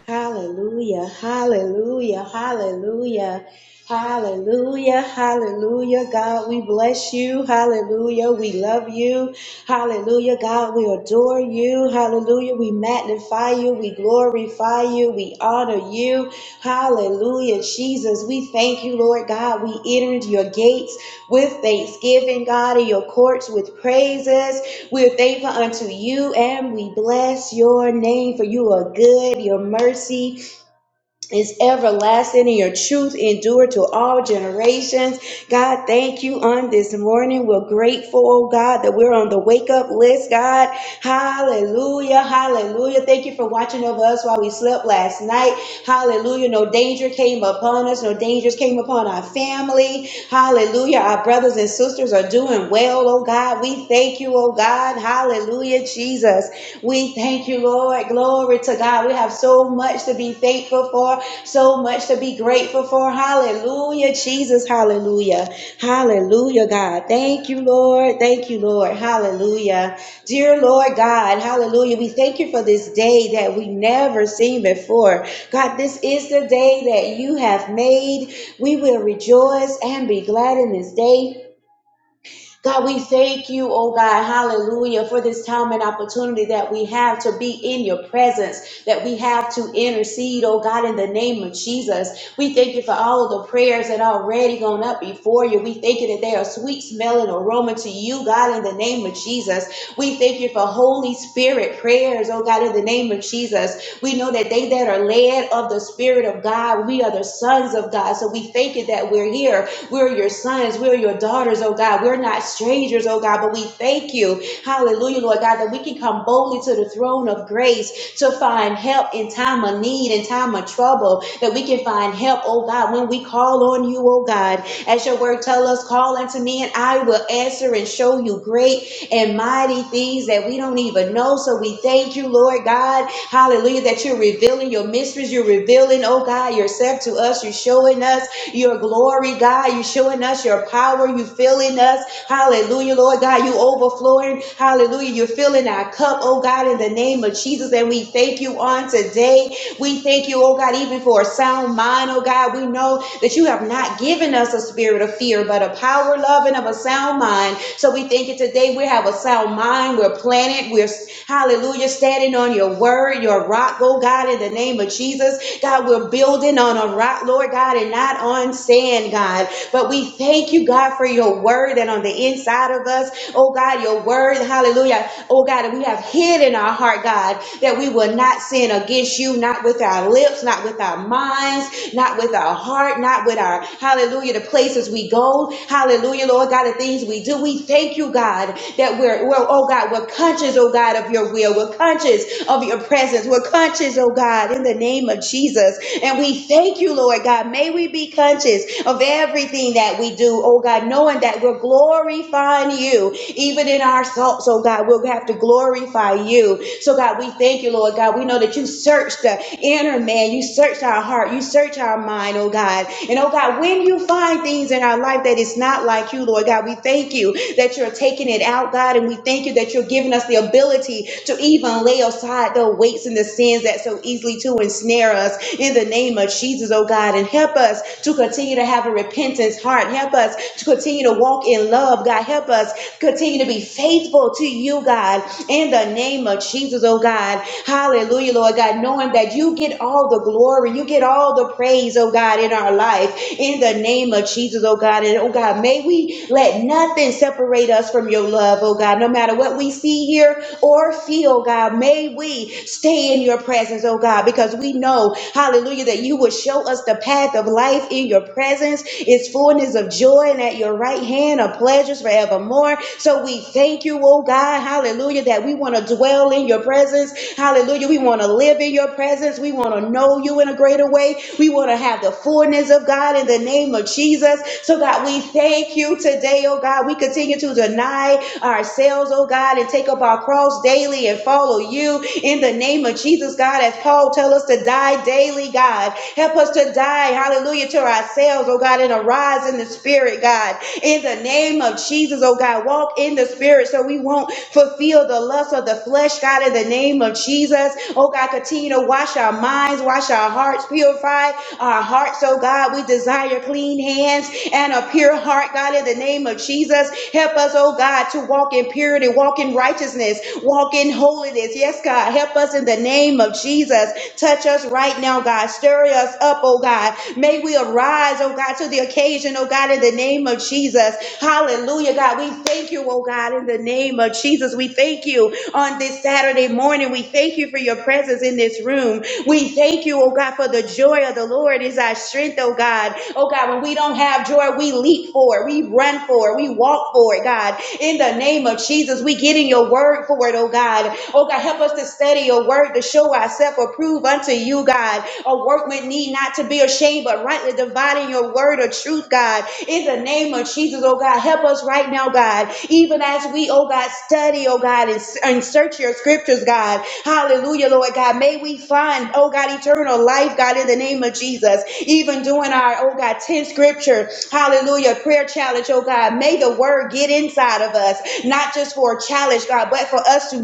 Hallelujah, hallelujah, hallelujah, hallelujah, hallelujah. God, we bless you. Hallelujah, we love you. Hallelujah, God, we adore you. Hallelujah, we magnify you. We glorify you. We honor you. Hallelujah, Jesus, we thank you, Lord God. We enter into your gates with thanksgiving, God, in your courts with praises. We're thankful unto you and we bless your name for you are good, your mercy is everlasting and your truth endure to all generations. God, thank you on this morning. We're grateful, oh God, that we're on the wake up list, God. Hallelujah. Hallelujah. Thank you for watching over us while we slept last night. Hallelujah. No danger came upon us. No dangers came upon our family. Hallelujah. Our brothers and sisters are doing well, oh God. We thank you, oh God. Hallelujah, Jesus. We thank you, Lord. Glory to God. We have so much to be thankful for. So much to be grateful for. Hallelujah, Jesus. Hallelujah. Hallelujah, God. Thank you, Lord. Thank you, Lord. Hallelujah. Dear Lord God, hallelujah. We thank you for this day that we never seen before. God, this is the day that you have made. We will rejoice and be glad in this day. God, we thank you, oh God, hallelujah, for this time and opportunity that we have to be in your presence, that we have to intercede, oh God, in the name of Jesus. We thank you for all of the prayers that are already gone up before you. We thank you that they are sweet smelling aroma to you, God, in the name of Jesus. We thank you for Holy Spirit prayers, oh God, in the name of Jesus. We know that they that are led of the Spirit of God, we are the sons of God. So we thank you that we're here we're your sons. We're your daughters, oh God. We're not strangers, oh God, but we thank you. Hallelujah, Lord God, that we can come boldly to the throne of grace to find help in time of need, in time of trouble, that we can find help, oh God, when we call on you, oh God. As your word tell us, call unto me and I will answer and show you great and mighty things that we don't even know. So we thank thank you, Lord God. Hallelujah, that you're revealing your mysteries. You're revealing, oh God, yourself to us. You're showing us your glory, God. You're showing us your power. You're filling us. Hallelujah, Lord God. You overflowing. Hallelujah. You're filling our cup, oh God, in the name of Jesus. And we thank you on today. We thank you, oh God, even for a sound mind, oh God. We know that you have not given us a spirit of fear, but a power, love, and of a sound mind. So we thank you today. We have a sound mind. We're planted. We're, hallelujah, standing on your word, your rock, oh God, in the name of Jesus. God, we're building on a rock, Lord God, and not on sand, God. But we thank you, God, for your word and on the inside of us, oh God, your word, hallelujah, oh God, that we have hid in our heart, God God, that we will not sin against you, not with our lips, not with our minds, not with our heart, not with our, hallelujah, the places we go, hallelujah, Lord God, the things we do. We thank you, God, that we're, we're oh God, we're conscious, oh God, of your will. We're conscious of your presence. We're conscious, oh God, in the name of Jesus. And we thank you, Lord God. May we be conscious of everything that we do, oh God, knowing that we're glorifying you even in our thoughts, oh God. God. We'll have to glorify you. So, God, we thank you, Lord God. We know that you search the inner man, you search our heart, you search our mind, oh God. And oh God, when you find things in our life that is not like you, Lord God, we thank you that you're taking it out, God, and we thank you that you're giving us the ability to even lay aside the weights and the sins that so easily to ensnare us in the name of Jesus, oh God, and help us to continue to have a repentance heart. Help us to continue to walk in love, God. Help help us continue to be faithful to you, God, in the name of Jesus, oh God. Hallelujah, Lord God, knowing that you get all the glory, you get all the praise, oh God, in our life, in the name of Jesus, oh God. And oh God, may we let nothing separate us from your love, oh God, no matter what we see here or feel, God. May we stay in your presence, oh God, because we know, hallelujah, that you will show us the path of life in your presence is fullness of joy joy, and at your right hand are pleasures forevermore. So we thank you, oh God, hallelujah, that we want to dwell in your presence. Hallelujah. We want to live in your presence. We want to know you in a greater way. We want to have the fullness of God in the name of Jesus. So God, we thank you today, oh God. We continue to deny ourselves, oh God, and take up our cross daily and follow you in the name of Jesus, God, as Paul tells us to die daily, God. Help us to die, hallelujah to ourselves, oh God, and arise in the spirit, God. In the name of Jesus, oh God, walk in the spirit so we won't fulfill the lust of the flesh, God, in the name of Jesus. Oh God, continue to wash our minds, wash our hearts, purify our hearts, oh God. We desire clean hands and a pure heart, God, in the name of Jesus. Help us, oh God, to walk in purity, walk in righteousness, walk in holiness. Yes, God, help us in the name of Jesus. Touch us right now, God. God. Stir us up, oh God. May we arise, oh God, to the occasion, oh God, in the name of Jesus. Hallelujah, God. We thank you, oh God, in the name of Jesus. We thank you on this Saturday morning. We thank you for your presence in this room. We thank you, oh God, for the joy of the Lord is our strength, oh God. Oh God, when we don't have joy, we leap for it, we run for it, we walk for it, God. In the name of Jesus, we get in your word for it, oh God. Oh God, help us to study your word, to to show ourselves approved unto you, God. A workman need not to be ashamed, but rightly dividing your word of truth, God. In the name of Jesus, oh God, help us right now, God. Even as we, oh God, study, oh God, and, and search your scriptures, God. Hallelujah, Lord God. May we find, oh God, eternal life, God, in the name of Jesus. Even doing our, oh God, 10 scripture, hallelujah, prayer challenge, oh God. May the word get inside of us, not just for a challenge, God, but for us to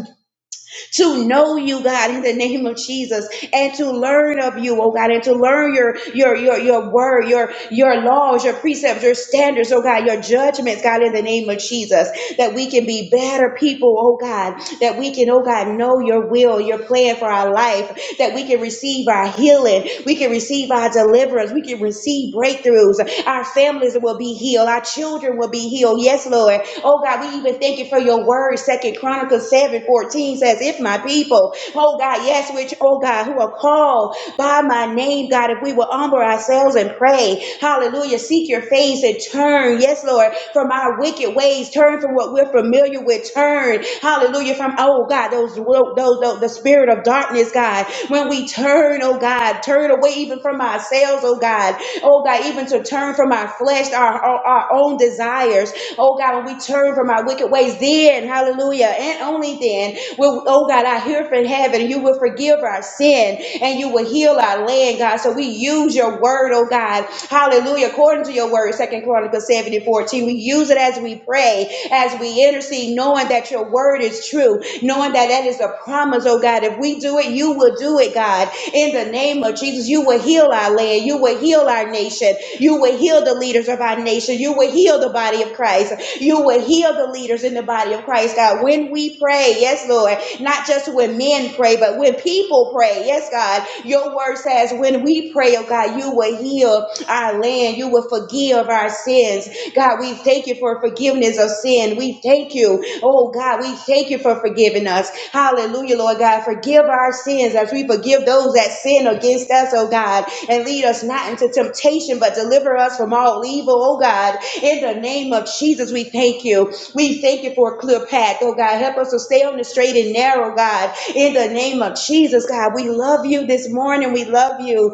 to know you, God, in the name of Jesus, and to learn of you, oh God, and to learn your your your your word, your your laws, your precepts, your standards, oh God, your judgments, God, in the name of Jesus that we can be better people, oh God, that we can, oh God, know your will, your plan for our life, that we can receive our healing, we can receive our deliverance, we can receive breakthroughs, our families will be healed, our children will be healed. Yes, Lord. Oh God, we even thank you for your word. Second Chronicles 7 14 says, If my people, oh God, yes, which, oh God, who are called by my name, God, if we will humble ourselves and pray, hallelujah, seek your face and turn, yes, Lord, from our wicked wicked ways, turn from what we're familiar with, turn, hallelujah, from, oh God, those, those, those the spirit of darkness, God. When we turn, oh God, turn away even from ourselves, oh God, oh God, even to turn from our flesh, our, our, our own desires, oh God, when we turn from our wicked ways, then, hallelujah, and only then will, oh God, I hear from heaven, and you will forgive our sin and you will heal our land, God. So we use your word, oh God, hallelujah, according to your word, Second Chronicles 70 14. We. We use it as we pray, as we intercede, knowing that your word is true, knowing that that is a promise, oh God. If we do it, you will do it, God. In the name of Jesus, you will heal our land. You will heal our nation. You will heal the leaders of our nation. You will heal the body of Christ. You will heal the leaders in the body of Christ, God. When we pray, yes, Lord, not just when men pray, but when people pray, yes, God, your word says, when we pray, oh God, you will heal our land. You will forgive our sins. God, we thank you for forgiveness of sin. We thank you. Oh God, we thank you for forgiving us. Hallelujah, Lord God. Forgive our sins as we forgive those that sin against us, oh God. And lead us not into temptation, but deliver us from all evil, oh God. In the name of Jesus, we thank you. We thank you for a clear path, oh God. Help us to stay on the straight and narrow, God. In the name of Jesus, God, we love you this morning. We love you.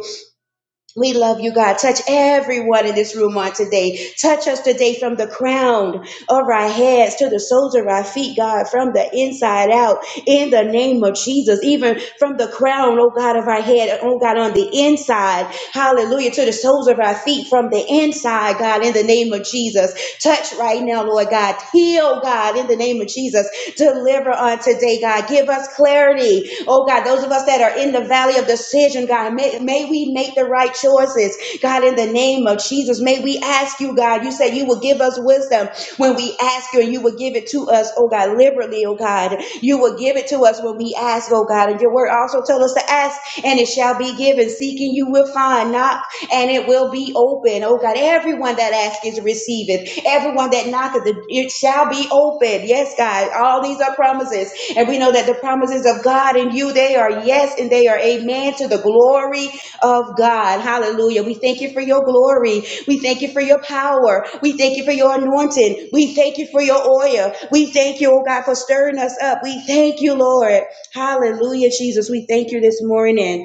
We love you, God. Touch everyone in this room on today. Touch us today from the crown of our heads to the soles of our feet, God, from the inside out, in the name of Jesus. Even from the crown, oh God, of our head, oh God, on the inside, hallelujah, to the soles of our feet, from the inside, God, in the name of Jesus. Touch right now, Lord God. Heal, God, in the name of Jesus. Deliver on today, God. Give us clarity. Oh, God, those of us that are in the valley of decision, God, may, may we make the right choices. God, in the name of Jesus, may we ask you, God. You said you will give us wisdom when we ask you, and you will give it to us, oh God, liberally, oh God. You will give it to us when we ask, oh God. And your word also tells us to ask, and it shall be given. Seeking you will find. Knock and it will be open. Oh God, everyone that asks is receiveth. Everyone that knocketh, it shall be open. Yes, God, all these are promises. And we know that the promises of God and you, they are yes and they are amen to the glory of God. Hallelujah. We thank you for your glory. We thank you for your power. We thank you for your anointing. We thank you for your oil. We thank you, oh God, for stirring us up. We thank you, Lord. Hallelujah, Jesus. We thank you this morning.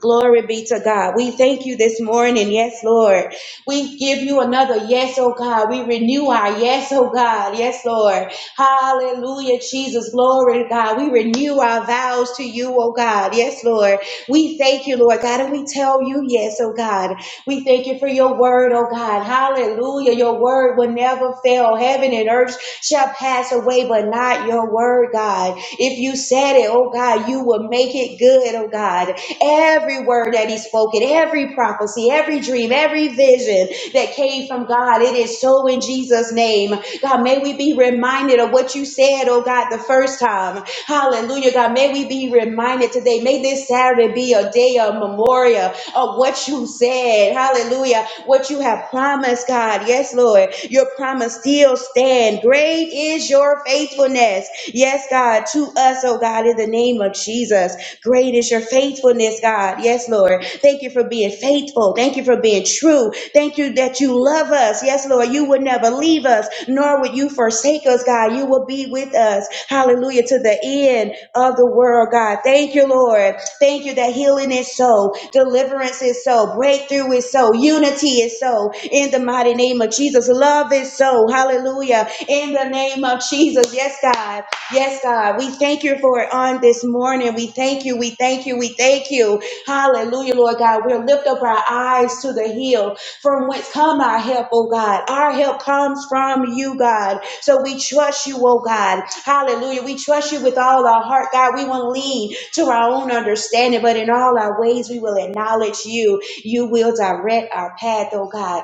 Glory be to God. We thank you this morning. Yes, Lord. We give you another yes, oh God. We renew our yes, oh God. Yes, Lord. Hallelujah, Jesus. Glory to God. We renew our vows to you, oh God. Yes, Lord. We thank you, Lord God, and we tell you yes, oh God. We thank you for your word, oh God. Hallelujah. Your word will never fail. Heaven and earth shall pass away, but not your word, God. If you said it, oh God, you will make it good, oh God. Every word that he spoke, spoken, every prophecy, every dream, every vision that came from God, it is so in Jesus' name. God, may we be reminded of what you said, oh God, The. God, the first time. Hallelujah, God. May we be reminded today. May this Saturday be a day of memorial of what you said. Hallelujah. What you have promised, God. Yes, Lord. Your promise still stands. Great is your faithfulness. Yes, God, to us, oh God, in the name of Jesus. Great is your faithfulness, God. Yes, Lord. Thank you for being faithful. Thank. Thank you for being true. Thank you that you love us. Yes, Lord, you would never leave us, nor would you forsake us, God. You will be with us. Hallelujah. To the end of the world, God. Thank you, Lord. Thank you that healing is so, deliverance is so, breakthrough is so, unity is so. In the mighty name of Jesus, love is so. Hallelujah. In the name of Jesus. Yes, God. Yes, God. We thank you for it on this morning. We thank you. We thank you. We thank you. Hallelujah, Lord God. We'll lift up our eyes to the hill from whence come our help, oh God. Our help comes from you, God. So we trust you, oh God. Hallelujah. We trust you with all our heart, God. We won't lean to our own understanding, but in all our ways we will acknowledge you. You will direct our path, oh God.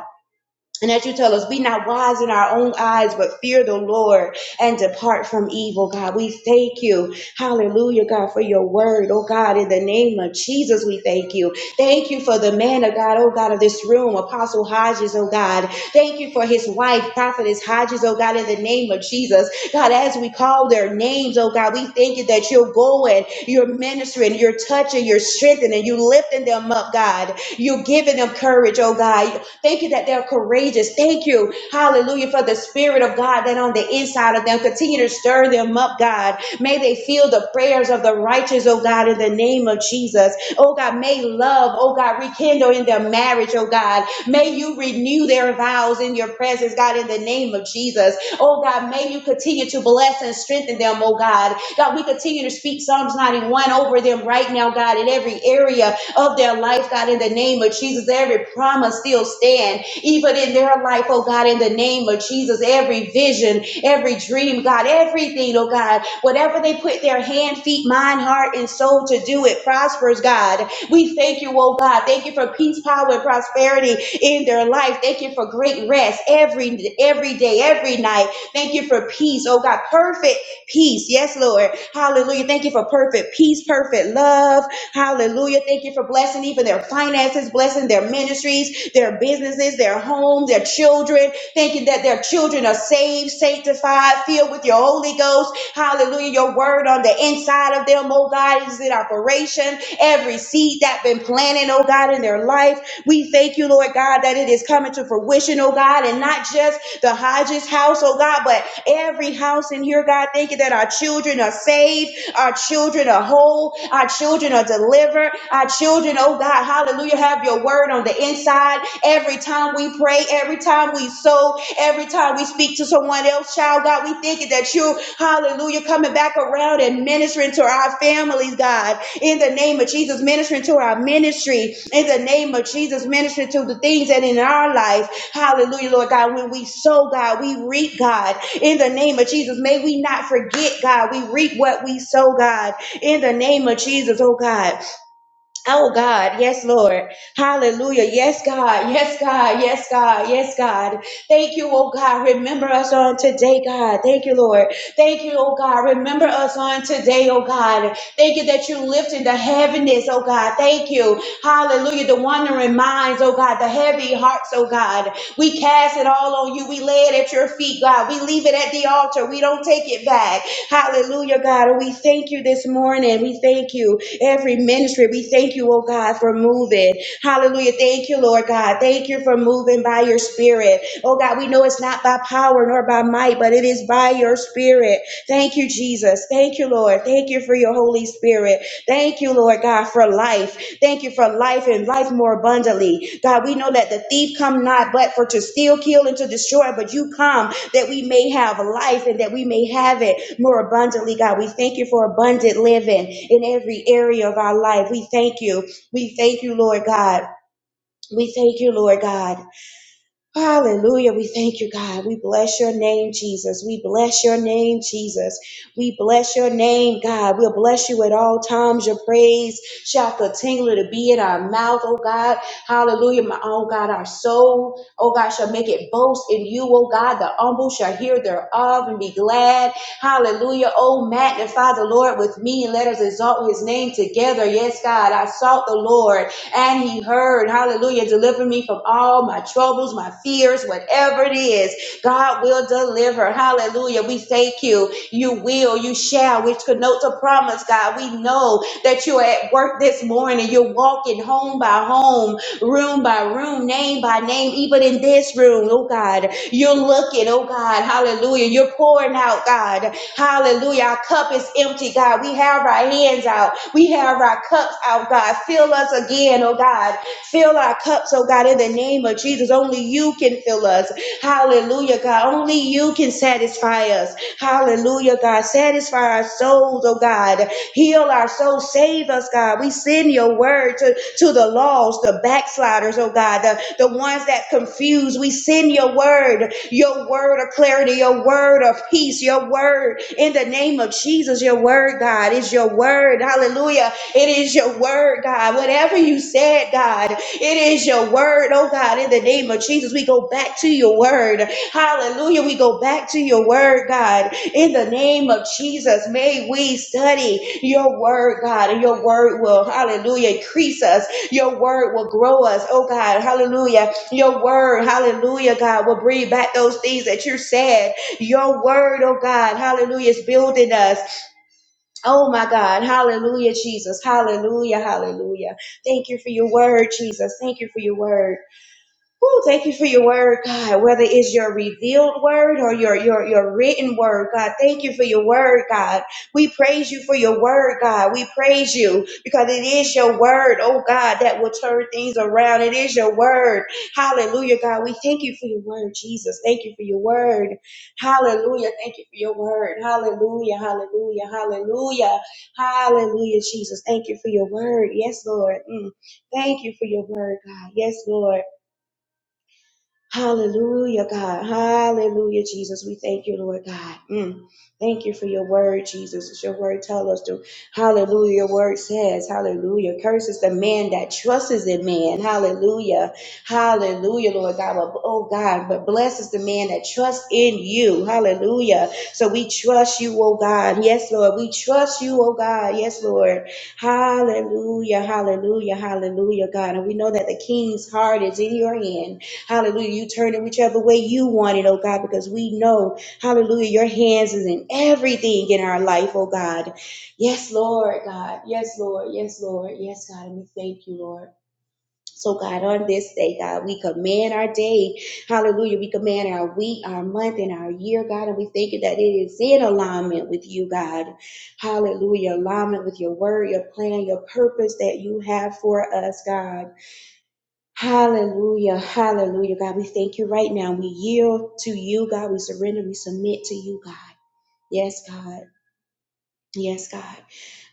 And as you tell us, be not wise in our own eyes, but fear the Lord and depart from evil, God. We thank you. Hallelujah, God, for your word. Oh, God, in the name of Jesus, we thank you. Thank you for the man of God, oh, God, of this room, Apostle Hodges, oh, God. Thank you for his wife, Prophetess Hodges, oh, God, in the name of Jesus. God, as we call their names, oh, God, we thank you that you're going, you're ministering, you're touching, you're strengthening, you're lifting them up, God. You're giving them them courage, oh God. Thank you that they're courageous. Thank you, hallelujah, for the Spirit of God that on the inside of them. Continue to stir them up, God. May they feel the prayers of the righteous, oh God, in the name of Jesus. Oh God, may love, oh God, rekindle in their marriage, oh God. May you renew their vows in your presence, God, in the name of Jesus. Oh God, may you continue continue to bless and strengthen them, oh God. God, we continue to speak Psalms 91 over them right now, God, in every area of their life, God, in the name of Jesus. Every promise still stand, even in their life, oh God, in the name of Jesus. Every vision, every dream, God, everything, oh God, whatever they put their hand, feet, mind, heart, and soul to do, it prospers, God. We thank you, oh God. Thank you for peace, power, and prosperity in their life. Thank you for great rest every every day, every night. Thank you for peace. Oh God, perfect peace. Yes, Lord. Hallelujah. Thank you for perfect peace, perfect love. Hallelujah. Thank you for blessing even their finances, blessing their ministries, their businesses, their homes, their children. Thank you that their children are saved, sanctified, filled with your Holy Ghost. Hallelujah. Your word on the inside of them, oh God, is in operation. Every seed that been planted, oh God, in their life. We thank you, Lord God, that it is coming to fruition, oh God, and not just the Hodges house, oh God, but every house in here, God. Thank you that our children are saved, our children are whole, our children are delivered, our children, oh God, hallelujah, have your word on the inside. Every time we pray, every time we sow, every time we speak to someone else, child, God, we thank you that you, hallelujah, coming back around and ministering to our families, God in the name of Jesus, ministering to our ministry, in the name of Jesus, ministering to the things that in our life, hallelujah, Lord God, when we sow, God, we reap, God, in the name of Jesus, may we not forget, God, we reap what we sow, God, in the name of Jesus, oh God. Oh God, yes, Lord. Hallelujah. Yes, God. Yes, God. Yes, God. Yes, God. Thank you, oh God. Remember us on today, God. Thank you, Lord. Thank you, oh God. Remember us on today, oh God. Thank you that you lifted the heaviness, oh God. Thank you. Hallelujah. The wandering minds, oh God. The heavy hearts, oh God. We cast it all on you. We lay it at your feet, God. We leave it at the altar. We don't take it back. Hallelujah, God. And we thank you this morning. We thank you every ministry. We thank you, oh God, for moving. Hallelujah. Thank you, Lord God. Thank you for moving by your spirit. Oh God, we know it's not by power nor by might, but it is by your spirit. Thank you, Jesus. Thank you, Lord. Thank you for your Holy Spirit. Thank you, Lord God, for life. Thank you for life and life more abundantly. God, we know that the thief come not but for to steal, kill, and to destroy, but you come that we may have life and that we may have it more abundantly, God. We thank you for abundant living in every area of our life. We thank you. We thank you, Lord God. We thank you, Lord God. Hallelujah. We thank you, God. We bless your name, Jesus. We bless your name, Jesus. We bless your name, God. We'll bless you at all times. Your praise shall continue to be in our mouth, oh God. Hallelujah. My oh God, our soul, oh God, shall make it boast in you, oh God. The humble shall hear thereof and be glad. Hallelujah. Oh, magnify the Lord with me and let us exalt his name together. Yes, God. I sought the Lord and he heard, hallelujah, deliver me from all my troubles, my fears, whatever it is. God will deliver. Hallelujah. We thank you. You will, you shall, which connotes a promise, God. We know that you're at work this morning. You're walking home by home, room by room, name by name, even in this room, oh God. You're looking, oh God, hallelujah. You're pouring out, God. Hallelujah. Our cup is empty, God. We have our hands out. We have our cups out, God. Fill us again, oh God. Fill our cups, oh God, in the name of Jesus. Only you can fill us. Hallelujah, God. Only you can satisfy us. Hallelujah, God. Satisfy our souls, oh God. Heal our souls. Save us, God. We send your word to, to the lost, the backsliders, oh God, the, the ones that confuse. We send your word, your word of clarity, your word of peace, your word in the name of Jesus. Your word, God, is your word. Hallelujah. It is your word, God. Whatever you said, God, it is your word, oh God, in the name of Jesus. We go back to your word. Hallelujah. We go back to your word, God. In the name of Jesus, may we study your word, God, and your word will, hallelujah, increase us. Your word will grow us, oh God, hallelujah. Your word, hallelujah, God, will bring back those things that you said. Your word, oh God, hallelujah, is building us. Oh my God, hallelujah, Jesus, hallelujah, hallelujah. Thank you for your word, Jesus. Thank you for your word. Woo, thank you for your word, God. Whether it's your revealed word or your, your, your written word, God, thank you for your word, God. We praise you for your word, God. We praise you because it is your word, oh God, that will turn things around. It is your word. Hallelujah, God. We thank you for your word, Jesus. Thank you for your word. Hallelujah. Thank you for your word. Hallelujah. Hallelujah. Hallelujah. Hallelujah, Jesus. Thank you for your word. Yes, Lord. Mm. Thank you for your word, God. Yes, Lord. Hallelujah, God. Hallelujah, Jesus. We thank you, Lord God. Mm. Thank you for your word, Jesus. As your word tell us to. Hallelujah. Your word says, Hallelujah. Curses the man that trusts in man. Hallelujah. Hallelujah, Lord God. But- Oh God, but blesses the man that trusts in you. Hallelujah. So we trust you, oh God. Yes, Lord. We trust you, oh God. Yes, Lord. Hallelujah. Hallelujah. Hallelujah, God. And we know that the king's heart is in your hand. Hallelujah. You turn it whichever way you want it, oh God, because we know, hallelujah, your hands is in everything in our life, oh God. Yes, Lord, God. Yes, Lord. Yes, Lord. Yes, God. And we thank you, Lord. So, God, on this day, God, we command our day. Hallelujah. We command our week, our month, and our year, God. And we thank you that it is in alignment with you, God. Hallelujah. Alignment with your word, your plan, your purpose that you have for us, God. Hallelujah, hallelujah, God. We thank you right now. We yield to you, God. We surrender, we submit to you, God. Yes, God. Yes, God.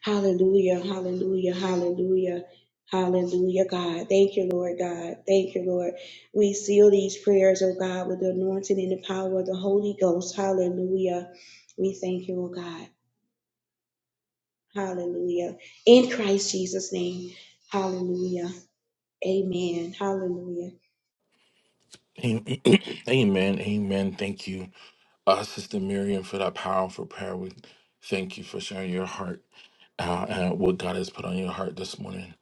Hallelujah, hallelujah, hallelujah, hallelujah, God. Thank you, Lord God. Thank you, Lord. We seal these prayers, oh God, with the anointing and the power of the Holy Ghost. Hallelujah. We thank you, oh God. Hallelujah. In Christ Jesus' name. Hallelujah. Amen. Hallelujah.
Am- [clears throat] Amen. Amen. Thank you. Uh, Sister Miriam, for that powerful prayer. We thank you for sharing your heart uh, and what God has put on your heart this morning.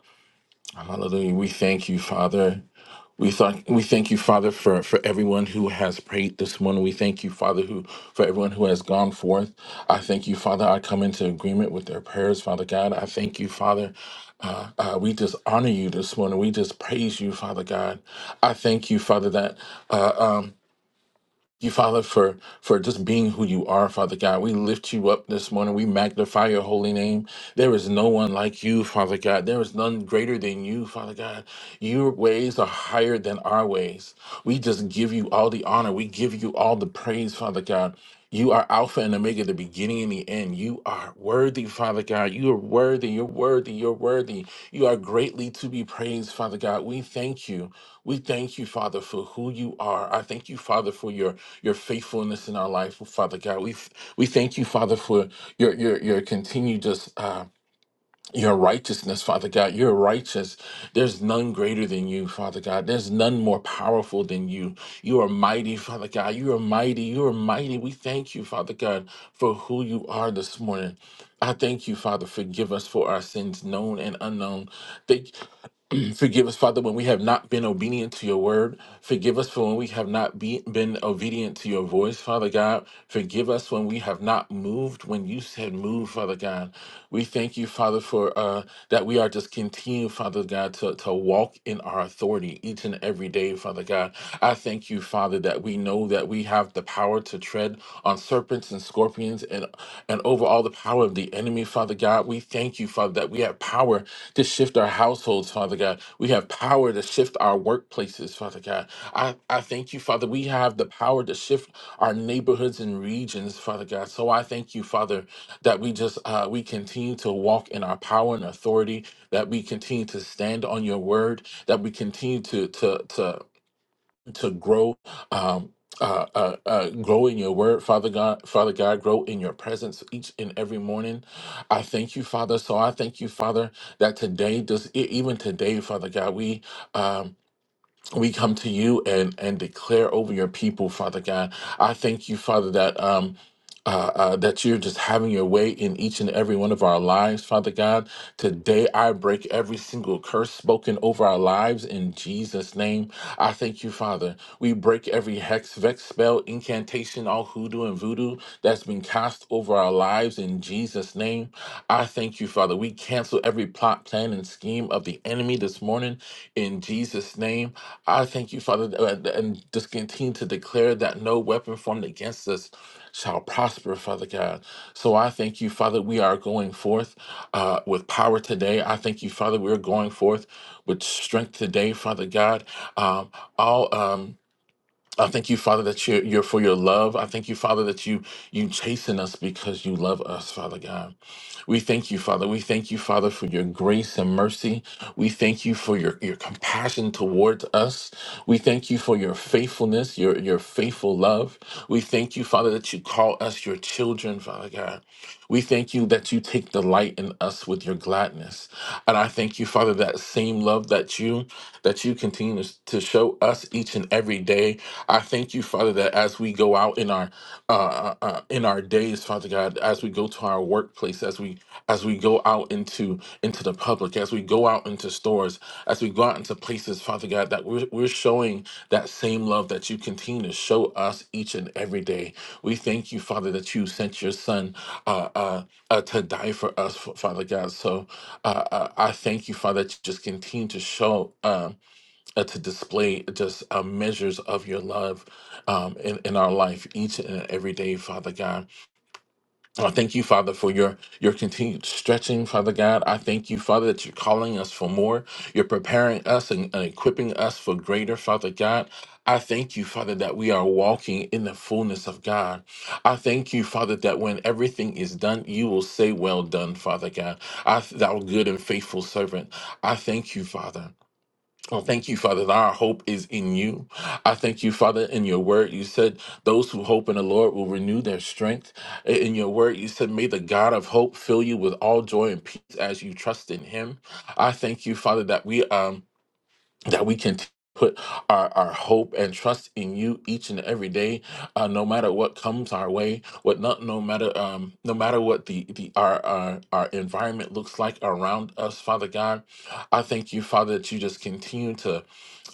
Hallelujah. We thank you, Father. We thank we thank you, Father, for, for everyone who has prayed this morning. We thank you, Father, who for everyone who has gone forth. I thank you, Father. I come into agreement with their prayers, Father God. I thank you, Father. Uh, we just honor you this morning. We just praise you, Father God. I thank you, Father, that uh, um, you, Father, for for just being who you are, Father God. We lift you up this morning. We magnify your holy name. There is no one like you, Father God. There is none greater than you, Father God. Your ways are higher than our ways. We just give you all the honor. We give you all the praise, Father God. You are Alpha and Omega, the beginning and the end. You are worthy, Father God. You are worthy. You're worthy. You're worthy. You are greatly to be praised, Father God. We thank you. We thank you, Father, for who you are. I thank you, Father, for your your faithfulness in our life, Father God. We we thank you, Father, for your your your continued just uh, your righteousness, Father God. You're righteous. There's none greater than you, Father God. There's none more powerful than you. You are mighty, Father God. You are mighty. You are mighty. We thank you, Father God, for who you are this morning. I thank you, Father. Forgive us for our sins, known and unknown. Thank, [clears throat] Forgive us, Father, when we have not been obedient to your word. Forgive us for when we have not be, been obedient to your voice, Father God. Forgive us when we have not moved when you said move, Father God. We thank you, Father, for uh, that we are just continue, Father God, to, to walk in our authority each and every day, Father God. I thank you, Father, that we know that we have the power to tread tread on serpents and scorpions and, and over all the power of the enemy, Father God. We thank you, Father, that we have power to shift our households, Father God. We have power to shift our workplaces, Father God. I, I thank you, Father. We have the power to shift our neighborhoods and regions, Father God. So I thank you, Father, that we just uh, we continue to walk in our power and authority, that we continue to stand on your word, that we continue to to to to grow um uh, uh, uh, grow in your word, Father God, Father God, grow in your presence each and every morning. I thank you, Father. So I thank you, Father, that today, does e- even today, Father God, we um, we come to you and and declare over your people father god i thank you father that um uh, uh, that you're just having your way in each and every one of our lives, Father God. Today, I break every single curse spoken over our lives in Jesus' name. I thank you, Father. We break every hex, vex, spell, incantation, all hoodoo and voodoo that's been cast over our lives in Jesus' name. I thank you, Father. We cancel every plot, plan and scheme of the enemy this morning in Jesus' name. I thank you, Father, uh, and just continue to declare that no weapon formed against us shall prosper, Father God. So I thank you, Father, we are going forth uh, with power today. I thank you, Father, we're going forth with strength today, Father God. Um, all. Um, I thank you, Father, that you're, you're for your love. I thank you, Father, that you you chasten us because you love us, Father God. We thank you, Father. We thank you, Father, for your grace and mercy. We thank you for your, your compassion towards us. We thank you for your faithfulness, your, your faithful love. We thank you, Father, that you call us your children, Father God. We thank you that you take delight in us with your gladness. And I thank you, Father, that same love that you that you continue to show us each and every day. I thank you, Father, that as we go out in our uh, uh, uh, in our days, Father God, as we go to our workplace, as we as we go out into into the public, as we go out into stores, as we go out into places, Father God, that we're we're showing that same love that you continue to show us each and every day. We thank you, Father, that you sent your Son uh, uh, uh, to die for us, Father God. So uh, uh, I thank you, Father, that you just continue to show. Um, uh, to display just uh, measures of your love um, in, in our life each and every day, Father God. I thank you, Father, for your your continued stretching, Father God. I thank you, Father, that you're calling us for more. You're preparing us and, and equipping us for greater, Father God. I thank you, Father, that we are walking in the fullness of God. I thank you, Father, that when everything is done, you will say, Well done, Father God. I, thou good and faithful servant. I thank you, Father. Oh, thank you, Father, that our hope is in you. I thank you, Father, in your word. You said those who hope in the Lord will renew their strength. In your word, you said, May the God of hope fill you with all joy and peace as you trust in him. I thank you, Father, that we um that we can t- put our, our hope and trust in you each and every day uh, no matter what comes our way what not no matter um no matter what the the our, our our environment looks like around us father god i thank you father that you just continue to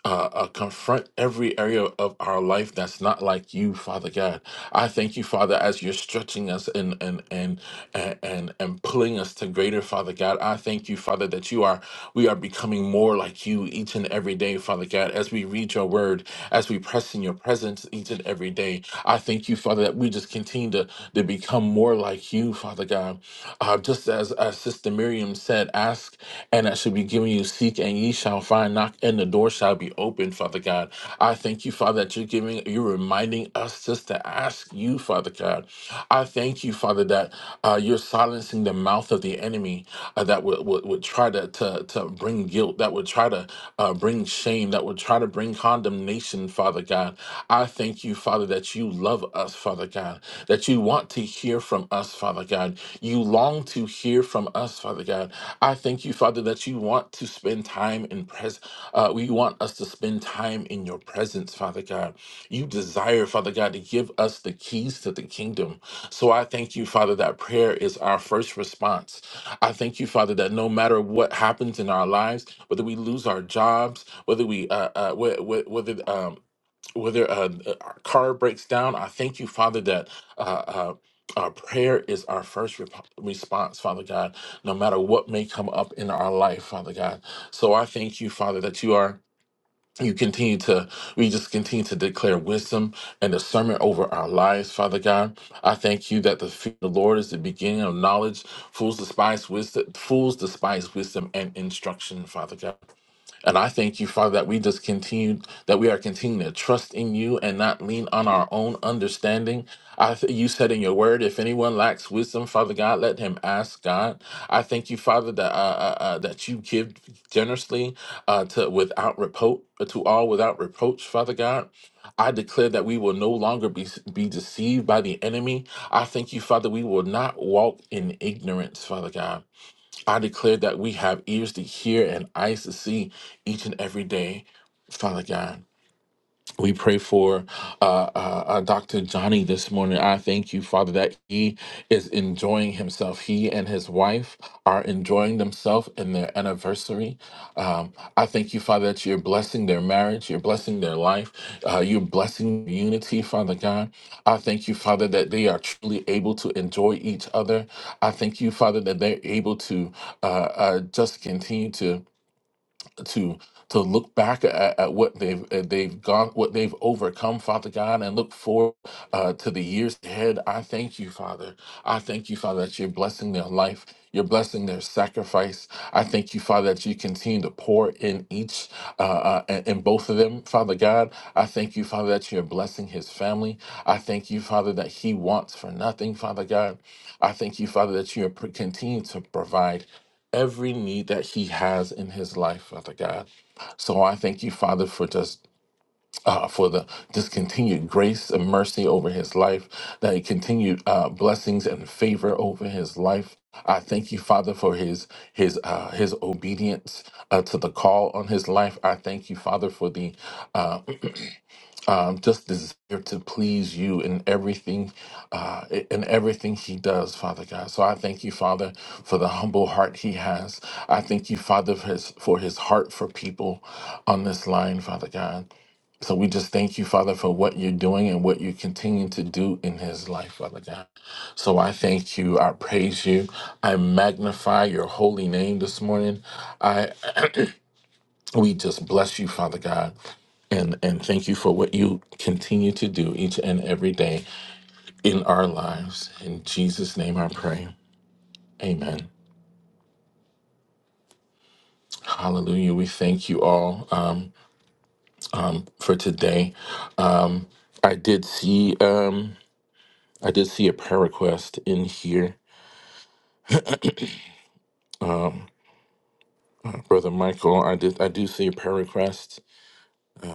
uh, uh, confront every area of our life that's not like you, Father God. I thank you, Father, as you're stretching us and and and and and, and pulling us to greater, Father God. I thank you, Father, that you are we are becoming more like you each and every day, Father God. As we read your word, as we press in your presence each and every day, I thank you, Father, that we just continue to to become more like you, Father God. Uh, just as uh, Sister Miriam said, ask and that should be given you. Seek and ye shall find, knock and the door shall be open, Father God. I thank you, Father, that you're giving, you're reminding us just to ask you, Father God. I thank you, Father, that uh, you're silencing the mouth of the enemy uh, that would, would, would try to, to, to bring guilt, that would try to uh, bring bring shame, that would try to bring condemnation, Father God. I thank you, Father, that you love us, Father God, that you want to hear from us, Father God. You long to hear from us, Father God. I thank you, Father, that you want to spend time in pres. Uh, we want us to spend time in your presence, Father God. You desire, Father God, to give us the keys to the kingdom. So I thank you, Father, that prayer is our first response. I thank you, Father, that no matter what happens in our lives, whether we lose our jobs, whether we uh, uh whe- whether um whether uh, our car breaks down i thank you father that uh, uh our prayer is our first rep- response, Father God, no matter what may come up in our life, Father God. So I thank you, Father, that you are, you continue to, we just continue to declare wisdom and discernment over our lives, Father God. I thank you that the fear of the Lord is the beginning of knowledge. Fools despise wisdom, fools despise wisdom and instruction, Father God. And I thank you, Father, that we just continue, that we are continuing to trust in you and not lean on our own understanding. I th- you said in your word, if anyone lacks wisdom, Father God, let him ask God. I thank you, Father, that uh, uh, uh, that you give generously uh, to without reproach to all without reproach, Father God. I declare that we will no longer be be deceived by the enemy. I thank you, Father, we will not walk in ignorance, Father God. I declare that we have ears to hear and eyes to see each and every day, Father God. We pray for uh, uh, uh, Dr. Johnny this morning. I thank you, Father, that he is enjoying himself. He and his wife are enjoying themselves in their anniversary. Um, I thank you, Father, that you're blessing their marriage, you're blessing their life, uh, you're blessing unity, Father God. I thank you, Father, that they are truly able to enjoy each other. I thank you, Father, that they're able to uh, uh, just continue to to to look back at, at what they've uh, they've gone what they've overcome father god and look forward uh, to the years ahead i thank you father i thank you father that you're blessing their life you're blessing their sacrifice i thank you father that you continue to pour in each uh, uh, in in both of them father god i thank you father that you're blessing his family i thank you father that he wants for nothing father god i thank you father that you are pro- continue to provide every need that he has in his life, Father God. So I thank you, Father, for just uh, for the this continued grace and mercy over his life, that continued uh, blessings and favor over his life. I thank you, Father, for his his uh, his obedience uh, to the call on his life. I thank you, Father, for the uh, um, just desire to please you in everything, uh, in everything he does, Father God. So I thank you, Father, for the humble heart he has. I thank you, Father, for his, for his heart for people on this line, Father God. So we just thank you, Father, for what you're doing and what you continue to do in his life, Father God. So I thank you. I praise you. I magnify your holy name this morning. We just bless you, Father God, and, and thank you for what you continue to do each and every day in our lives. In Jesus' name I pray. Amen. Hallelujah. We thank you all um, for today. Um, I did see um, I did see a prayer request in here. Um, uh, Brother Michael, I did I do see a prayer request. Um,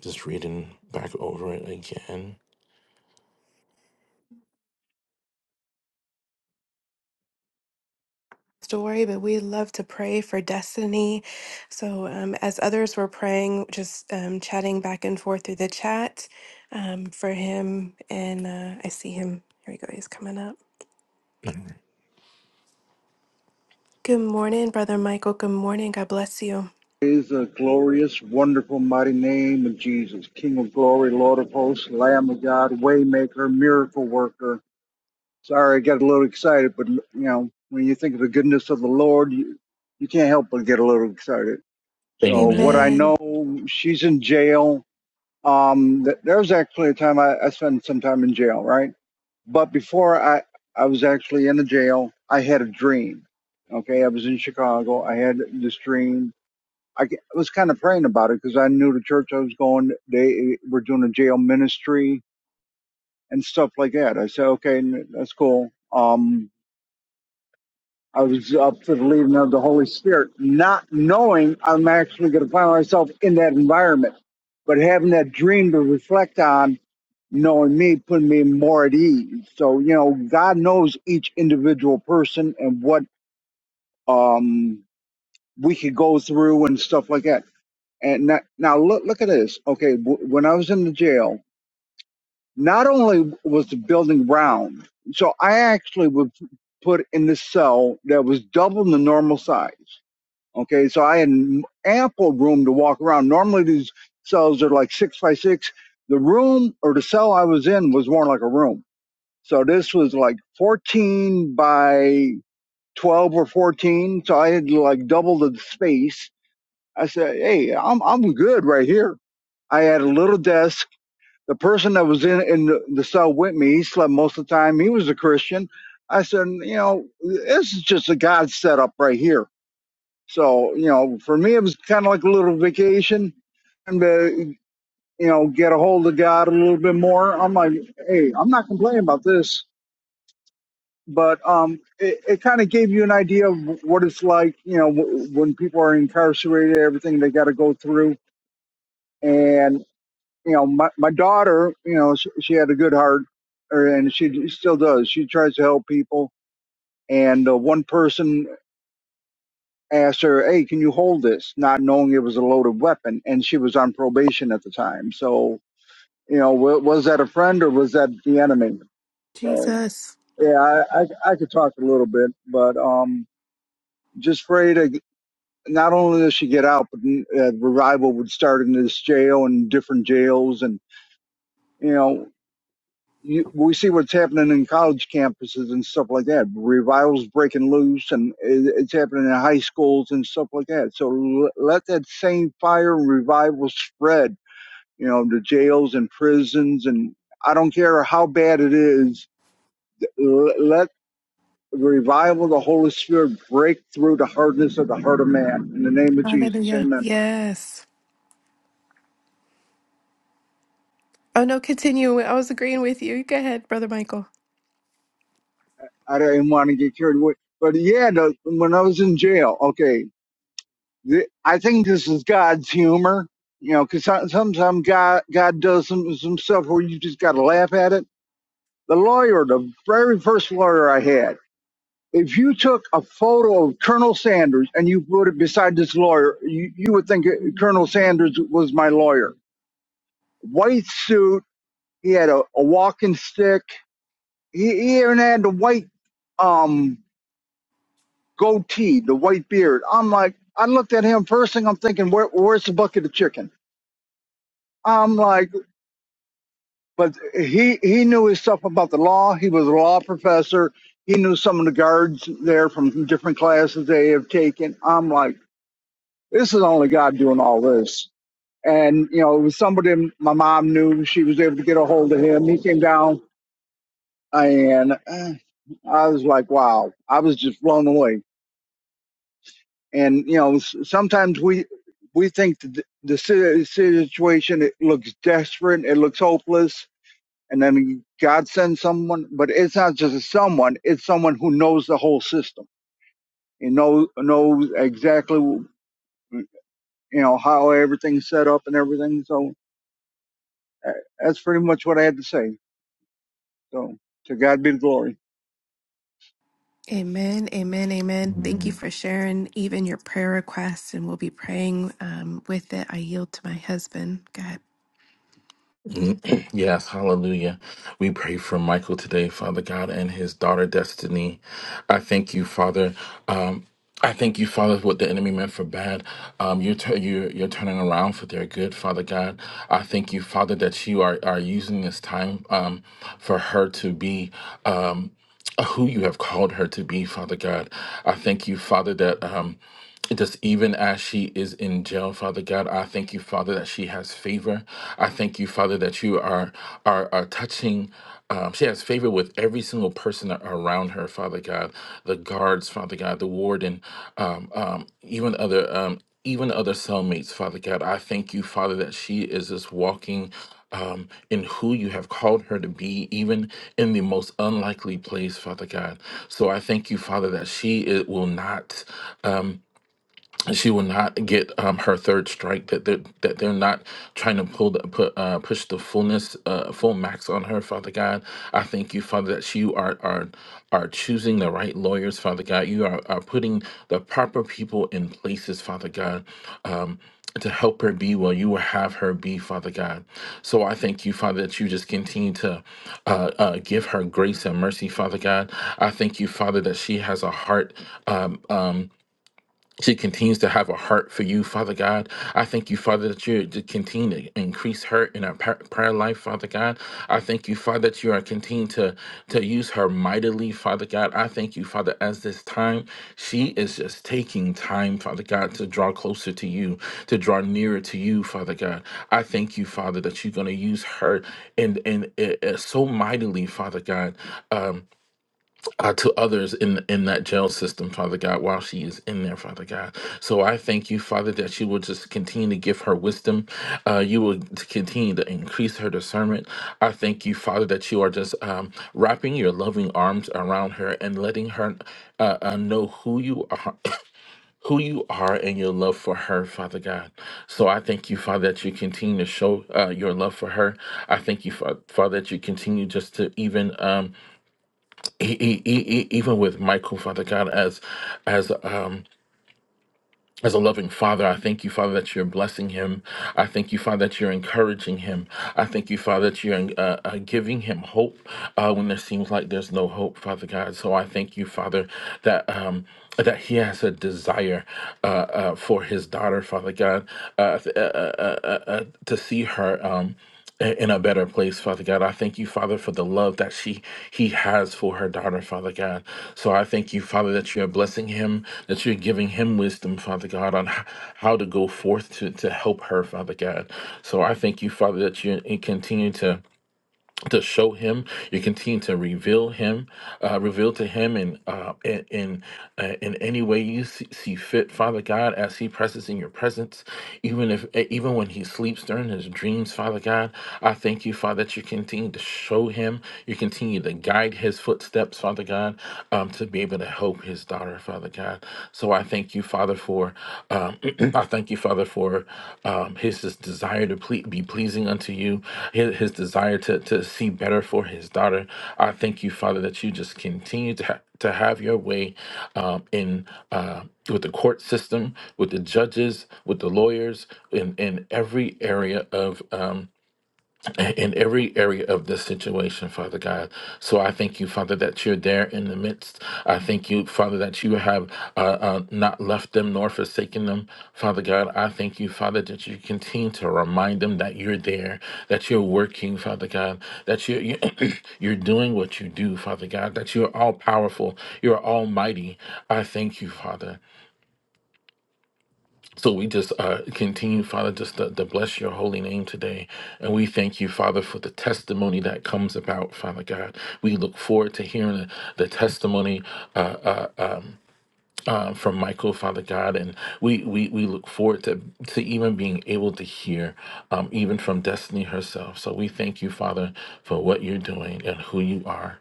just reading back over it again.
Story, but we love to pray for destiny. So, um, as others were praying, just um, chatting back and forth through the chat um, for him. And uh, I see him. Here we go. He's coming up. Good morning, Brother Michael. Good morning. God bless you.
Praise the glorious, wonderful, mighty name of Jesus, King of glory, Lord of hosts, Lamb of God, Waymaker, miracle worker. Sorry, I got a little excited, but you know, when you think of the goodness of the Lord, you, you can't help but get a little excited. So, what
Amen.
I
Amen.
know, she's in jail. Um, th- there was actually a time I, I spent some time in jail, right? But before I, I was actually in the jail, I had a dream. Okay, I was in Chicago. I had this dream I was kind of praying about it because I knew the church I was going. They were doing a jail ministry and stuff like that. I said, okay, that's cool. Um, I was up for the leading of the Holy Spirit, not knowing I'm actually going to find myself in that environment, but having that dream to reflect on, knowing me, putting me more at ease. So you know, God knows each individual person and what um we could go through and stuff like that And now, now look, look at this. Okay, w- when I was in the jail, not only was the building round, so I actually was put in this cell that was double the normal size. Okay, so I had ample room to walk around. Normally, these cells are like six by six. The room or the cell I was in was more like a room. So this was like 14 by 12 or 14. So I had like double the space. I said, "Hey, I'm I'm good right here." I had a little desk. The person that was in in the, the cell with me, he slept most of the time. He was a Christian. I said, you know, this is just a God setup right here. So, you know, for me, it was kind of like a little vacation, and to you know, get a hold of God a little bit more. I'm like, hey, I'm not complaining about this, but um, it, it kind of gave you an idea of what it's like, you know, w- when people are incarcerated, everything they got to go through and. you know, my, my daughter, you know, she, she had a good heart, er, and she still does. She tries to help people. And uh, one person asked her, "Hey, can you hold this?" Not knowing it was a loaded weapon, and she was on probation at the time. So, you know, w- was that a friend or was that the enemy? So,
Jesus.
yeah, I, I, I could talk a little bit, but um, just afraid of not only does she get out, but uh, revival would start in this jail and different jails, and you know. you, we see what's happening in college campuses and stuff like that. Revivals breaking loose, and it, it's happening in high schools and stuff like that. So l- let that same fire and revival spread, you know, to jails and prisons, and I don't care how bad it is. L- let the revival of the Holy Spirit break through the hardness of the heart of man. In the name of Jesus,
Hallelujah.
Amen.
Yes. Oh, no, continue. I was agreeing with you. Go ahead, Brother Michael.
I didn't want to get carried away, but yeah, the, when I was in jail, okay. th- I think this is God's humor, you know, because sometimes God God does some some stuff where you just got to laugh at it. The lawyer, the very first lawyer I had, if you took a photo of Colonel Sanders and you put it beside this lawyer, you, you would think uh, Colonel Sanders was my lawyer. White suit, he had a, a walking stick, he, he even had the white um goatee, the white beard. I'm like, I looked at him first thing I'm thinking, where, where's the bucket of chicken? I'm like. but he he knew his stuff about the law. He was a law professor. He knew some of the guards there from different classes they have taken. I'm like, this is only God doing all this. And you know, it was somebody my mom knew. She was able to get a hold of him. He came down, and eh, I was like, wow, I was just blown away. And you know, s- sometimes we we think the, the si- situation it looks desperate, it looks hopeless, and then God sends someone, but it's not just someone; it's someone who knows the whole system. He knows knows exactly, you know, how everything's set up and everything. So uh, that's pretty much what I had to say. So to God be the glory.
Amen. Amen. Amen. Thank you for sharing even your prayer requests, and we'll be praying um, with it. I yield to my husband. God.
[clears throat] Yes, hallelujah. We pray for Michael today, Father God, and his daughter Destiny. I thank you, Father. Um, I thank you, Father, what the enemy meant for bad. Um, you're, tu- you're you're turning around for their good, Father God. I thank you, Father, that you are are using this time um, for her to be. Um, uh, who you have called her to be, Father God. I thank you, Father, that um, just even as she is in jail, Father God, I thank you, Father, that she has favor. I thank you, Father, that you are are, are touching. Um, she has favor with every single person around her, Father God, the guards, Father God, the warden, um, um, even other. Um, even other cellmates, Father God. I thank you, Father, that she is just walking um, in who you have called her to be, even in the most unlikely place, Father God. So I thank you, Father, that she it will not. um, she will not get um, her third strike. That they're that they're not trying to pull the put uh, push the fullness uh, full max on her, Father God. I thank you, Father, that you are are are choosing the right lawyers, Father God. You are, are putting the proper people in places, Father God. Um, to help her be well, you will have her be, Father God. So I thank you, Father, that you just continue to uh, uh, give her grace and mercy, Father God. I thank you, Father, that she has a heart. Um, um, she continues to have a heart for you, Father God. I thank you, Father, that you to continue to increase her in her par- prayer life, Father God. I thank you, Father, that you are continuing to, to use her mightily, Father God. I thank you, Father, as this time, she is just taking time, Father God, to draw closer to you, to draw nearer to you, Father God. I thank you, Father, that you're going to use her and and uh, uh, so mightily, Father God. Um, uh, to others in in that jail system, Father God, while she is in there, Father God. So I thank you, Father, that you will just continue to give her wisdom. Uh, you will t- continue to increase her discernment. I thank you, Father, that you are just um, wrapping your loving arms around her and letting her uh, uh, know who you are, who you are, and your love for her, Father God. So I thank you, Father, that you continue to show uh, your love for her. I thank you, Fa- Father, that you continue just to even. Um, e- e- e- e- even with Michael, Father God, as as um as a loving father, I thank you, Father, that you're blessing him. I thank you, Father, that you're encouraging him. I thank you, Father, that you're uh, uh, giving him hope uh, when there seems like there's no hope, Father God. So I thank you, Father, that um, that he has a desire uh, uh, for his daughter, Father God, uh, th- uh, uh, uh, uh, to see her. Um, i- in a better place, Father God. I thank you, Father, for the love that she he has for her daughter, Father God. So I thank you, Father, that you are blessing him, that you're giving him wisdom, Father God, on h- how to go forth to, to help her, Father God. So I thank you, Father, that you and continue to to show him you continue to reveal him uh, reveal to him in uh, in in, uh, in any way you see, see fit father god as he presses in your presence even if eh, even when he sleeps during his dreams father god i thank you father that you continue to show him you continue to guide his footsteps father god um, to be able to help his daughter father god so I thank you, Father, for um, [clears throat] I thank you, Father, for um, his, his desire to ple- be pleasing unto you, his, his desire to, to see better for his daughter. I thank you, Father, that you just continue to ha- to have your way um, in uh, with the court system, with the judges, with the lawyers, in in every area of. Um, a- in every area of this situation, Father God. So I thank you, Father, that you're there in the midst. I thank you, Father, that you have uh, uh, not left them nor forsaken them, Father God. I thank you, Father, that you continue to remind them that you're there, that you're working, Father God, that you're, you- [clears throat] you're doing what you do, Father God, that you're all powerful, you're almighty. I thank you, Father. So we just uh, continue, Father, just to, to bless your holy name today. And we thank you, Father, for the testimony that comes about, Father God. We look forward to hearing the, the testimony uh, uh, uh, from Michael, Father God. And we, we, we look forward to, to even being able to hear, um, even from Destiny herself. So we thank you, Father, for what you're doing and who you are.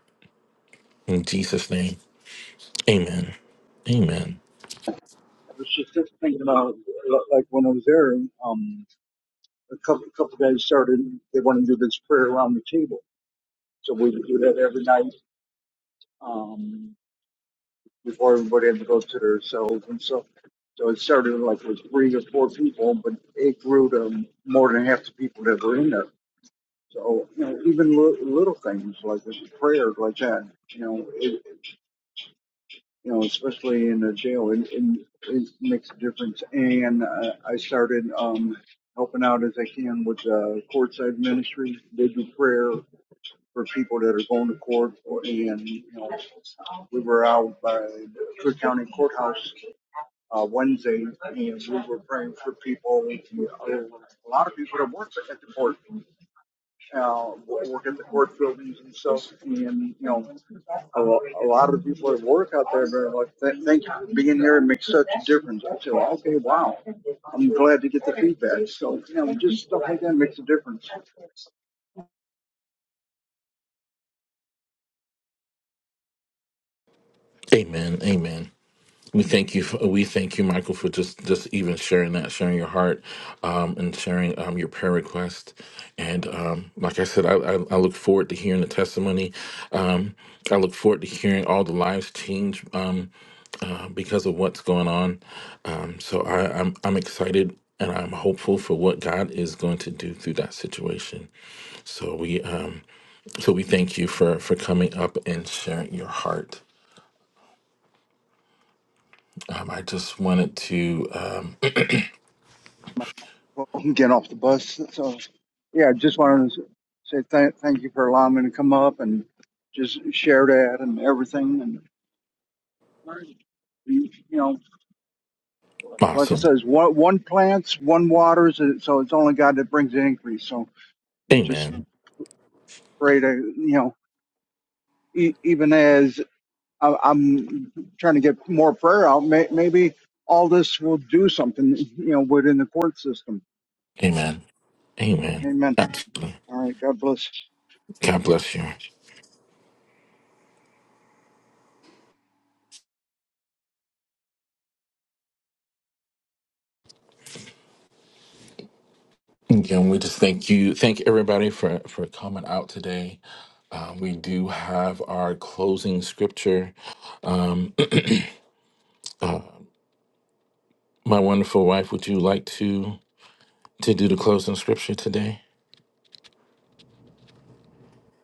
In Jesus' name, amen. Amen.
I was just thinking about like when I was there, um, a couple couple guys started. They want to do this prayer around the table, so we would do that every night. Um, before everybody had to go to their cells and stuff. So it started like with three or four people, but it grew to more than half the people that were in there. So you know, even li- little things like this prayer, like that, you know, it, you know, especially in the jail, and and it makes a difference. And uh, I started um, helping out as I can with uh, courtside ministry. They do prayer for people that are going to court, or- and you know, we were out by the Cook County Courthouse uh, Wednesday, and we were praying for people. We uh, a lot of people that work at the court, uh, work at the court buildings and stuff. And you know, a, lo- a lot of the people that work out there, they're like, "Th- "Thank you for being here. It makes such a difference." I said, "Okay, wow. I'm glad to get the feedback." So you know, just stuff like that makes a difference.
Amen. Amen. We thank you. For, we thank you, Michael, for just just even sharing that, sharing your heart, um, and sharing um, your prayer request. And um, like I said, I, I, I look forward to hearing the testimony. Um, I look forward to hearing all the lives change um, uh, because of what's going on. Um, so I, I'm I'm excited and I'm hopeful for what God is going to do through that situation. So we um, so we thank you for for coming up and sharing your heart. Um, I just wanted to. Um,
Well, I'm getting off the bus, so yeah, I just wanted to say th- thank you for allowing me to come up and just share that and everything. You know, like I
Awesome.
says, one one plants, one waters, and so it's only God that brings the increase. So you just
Amen.
pray to you know, e- even as I- I'm trying to get more prayer out, may- maybe all this will do something. You know, within the court system.
Amen. Amen.
Amen.
Absolutely.
All right. God bless.
God bless you. Again, we just thank you. Thank everybody for for coming out today. Uh, we do have our closing scripture. Um, [clears throat] uh, my wonderful wife, would you like to to do the closing scripture today?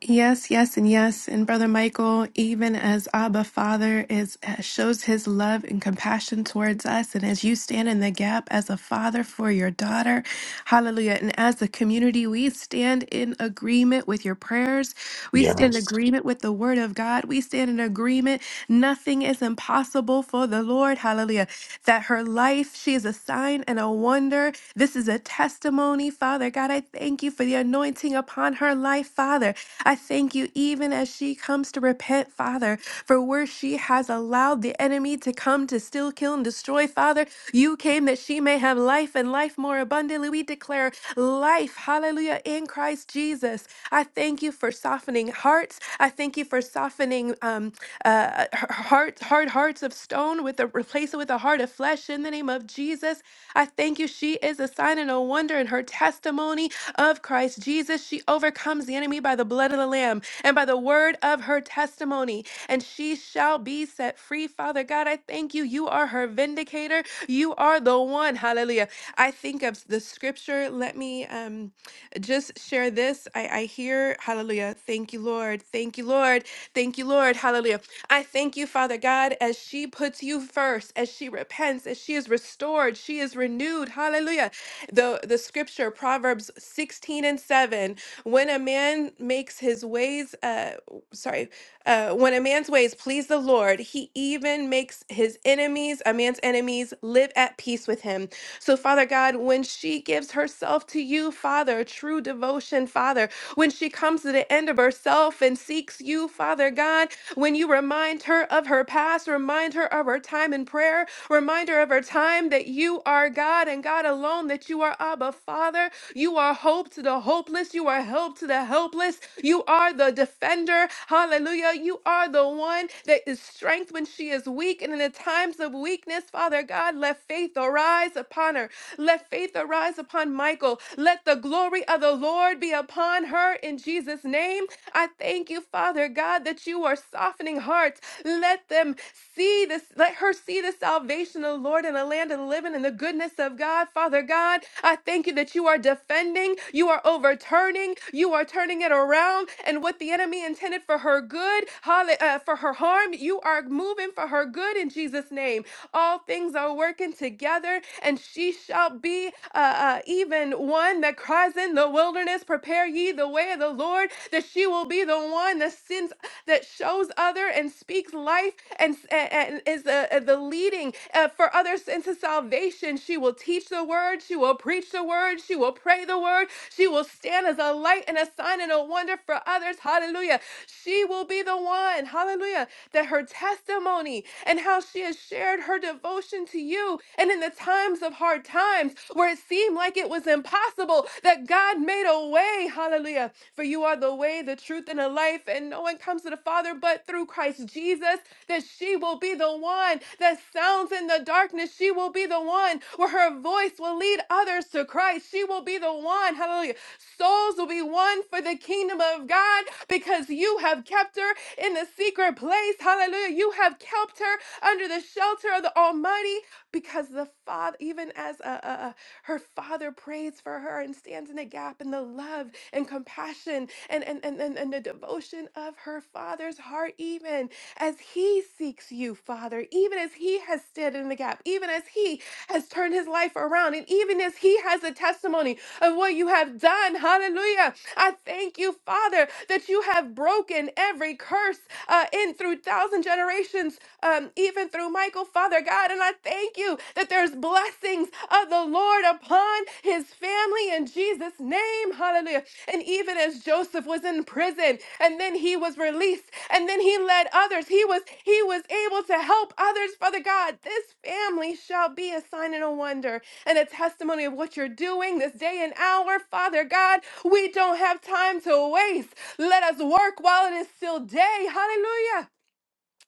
Yes, yes, and yes. And Brother Michael, even as Abba Father is shows his love and compassion towards us, and as you stand in the gap as a father for your daughter, hallelujah. And as a community, we stand in agreement with your prayers. We stand in agreement with the word of God. We stand in agreement. Nothing is impossible for the Lord, hallelujah. That her life, she is a sign and a wonder. This is a testimony, Father God. God. I thank you for the anointing upon her life, Father. I thank you even as she comes to repent, Father, for where she has allowed the enemy to come to steal, kill, and destroy, Father. You came that she may have life and life more abundantly. We declare life, hallelujah, in Christ Jesus. I thank you for softening hearts. I thank you for softening um, uh, heart, hard hearts of stone with a replace it with a heart of flesh in the name of Jesus. I thank you. She is a sign and a wonder in her testimony of Christ Jesus. She overcomes the enemy by the blood of the Lamb and by the word of her testimony, and she shall be set free. Father God, I thank you. You are her vindicator. You are the one. Hallelujah. I think of the scripture. Let me um, just share this. I, I hear, hallelujah. Thank you, Lord. Thank you, Lord. Thank you, Lord. Hallelujah. I thank you, Father God, as she puts you first, as she repents, as she is restored, she is renewed. Hallelujah. The the scripture, Proverbs 16 and 7. When a man makes his ways uh sorry. Uh, when a man's ways please the Lord, he even makes his enemies, a man's enemies, live at peace with him. So, Father God, when she gives herself to you, Father, true devotion, Father, when she comes to the end of herself and seeks you, Father God, when you remind her of her past, remind her of her time in prayer, remind her of her time that you are God and God alone, that you are Abba Father, you are hope to the hopeless. You are help to the helpless. You are the defender. Hallelujah. You are the one that is strength when she is weak. And in the times of weakness, Father God, let faith arise upon her. Let faith arise upon Michael. Let the glory of the Lord be upon her in Jesus' name. Jesus' name. I thank you, Father God, that you are softening hearts. Let them see this, let her see the salvation of the Lord in the land of the living and the goodness of God. Father God, I thank you that you are defending, you are overturning, you are turning it around. And what the enemy intended for her good, holla- uh, for her harm, you are moving for her good in Jesus' name. All things are working together, and she shall be uh, uh, even one that cries in the wilderness, prepare ye the way of the Lord, that she will be the one that sends, that shows other and speaks life and, and, and is the, uh, the leading uh, for others into salvation. She will teach the word, she will preach the word, she will pray the word, she will stand as a light and a sign and a wonder for others. Hallelujah. She will be the one, hallelujah, that her testimony and how she has shared her devotion to you and in the times of of hard times where it seemed like it was impossible, that God made a way. Hallelujah. For you are the way, the truth, and the life, and no one comes to the Father but through Christ Jesus that she will be the one that sounds in the darkness. She will be the one where her voice will lead others to Christ. She will be the one, hallelujah. Souls will be won for the kingdom of God because you have kept her in the secret place, hallelujah. You have kept her under the shelter of the Almighty because the father, even as uh, uh, uh, her father prays for her and stands in the gap in the love and compassion and, and, and, and, and the devotion of her father's heart, even as he seeks you, Father, even as he has stood in the gap, even as he has turned his life around, and even as he has a testimony of what you have done. Hallelujah. I thank you, Father, that you have broken every curse uh, in through thousands thousand generations, um, even through Michael, Father God. And I thank you that there's blessings of the Lord upon his family in Jesus' name. Hallelujah. And even as Joseph was in prison and then he was released and then he led others, he was he was able to help others, Father God. This family shall be a sign and a wonder and a testimony of what you're doing this day and hour, Father God. We don't have time to waste. Let us work while it is still day. Hallelujah.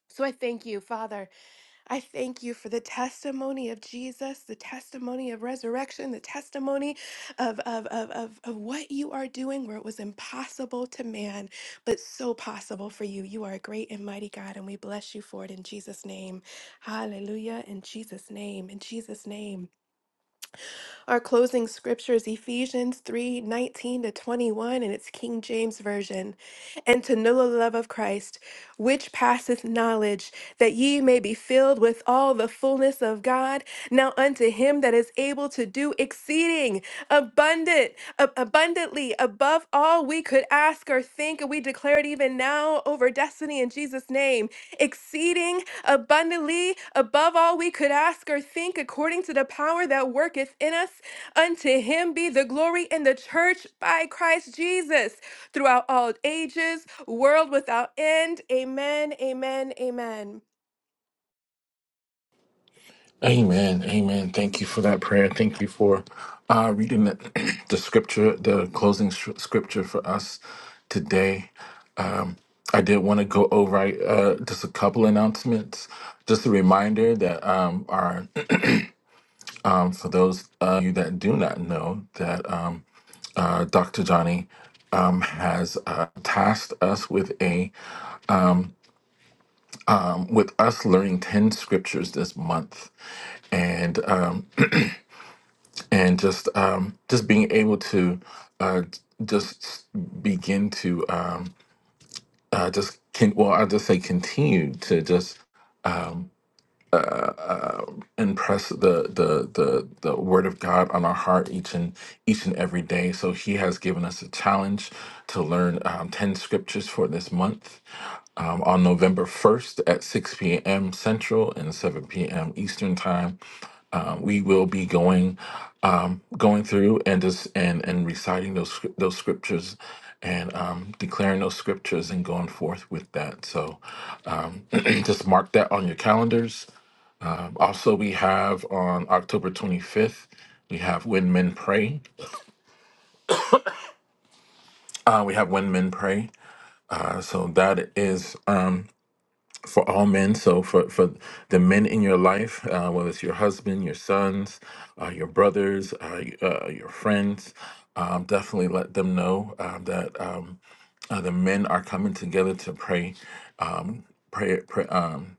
So I thank you, Father. I thank you for the testimony of Jesus, the testimony of resurrection, the testimony of, of, of, of, of what you are doing where it was impossible to man, but so possible for you. You are a great and mighty God, and we bless you for it in Jesus' name. Hallelujah. In Jesus' name. In Jesus' name. Our closing scripture is Ephesians 3 19 to 21, and it's King James Version. And to know the love of Christ, which passeth knowledge, that ye may be filled with all the fullness of God. Now unto him that is able to do exceeding abundant, ab- abundantly above all we could ask or think, and we declare it even now over destiny in Jesus' name, exceeding abundantly above all we could ask or think, according to the power that worketh in us. Unto him be the glory in the church by Christ Jesus throughout all ages, world without end. Amen, amen, amen.
Amen. Amen. Thank you for that prayer. Thank you for uh, reading the, [clears throat] the scripture, the closing s- scripture for us today. Um, I did want to go over uh, just a couple announcements. Just a reminder that um, our um, for those of you that do not know that um, uh, Dr. Johnny um, has uh, tasked us with a with us learning ten scriptures this month, and um, and just um, just being able to uh, just begin to um, uh, just can well I just say continue to just impress the, the the the word of God on our heart each and each and every day. So He has given us a challenge to learn um, ten scriptures for this month um, on November first at six p.m. Central and seven p.m. Eastern time. um, we will be going um, going through and just and and reciting those scrip- those scriptures and um, declaring those scriptures and going forth with that. So um, [clears throat] just mark that on your calendars. Also, we have on October 25th. We have When Men Pray. Uh, we have When Men Pray. Uh, so that is. Um, for all men. So for for the men in your life, uh, whether it's your husband, your sons, uh, your brothers, uh, y- uh, your friends, um, definitely let them know uh, that um, uh, the men are coming together to pray, pray, pray um,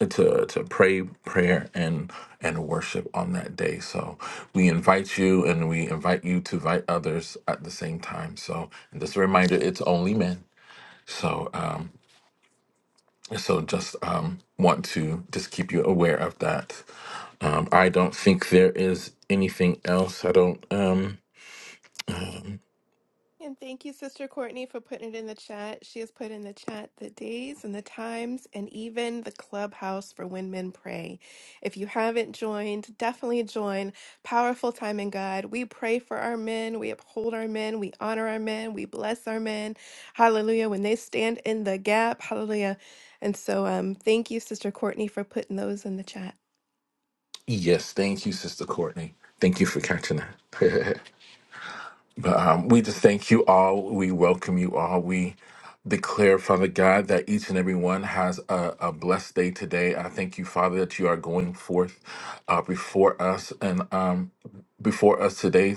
to to pray prayer and and worship on that day. So we invite you, and we invite you to invite others at the same time. So and just a reminder, it's only men. So. Um, So just um, want to just keep you aware of that. Um, I don't think there is anything else. I don't. Um, um,
And thank you, Sister Courtney, for putting it in the chat. She has put in the chat the days and the times and even the clubhouse for when men pray. If you haven't joined, definitely join. Powerful time in God. We pray for our men. We uphold our men. We honor our men. We bless our men. Hallelujah. When they stand in the gap, hallelujah. And so um, thank you, Sister Courtney, for putting those in the chat.
yes, thank you, Sister Courtney. Thank you for catching that. [laughs] But um, we just thank you all. We welcome you all. We declare, Father God, that each and every one has a, a blessed day today. I thank you, Father, that you are going forth uh, before us and um, before us today.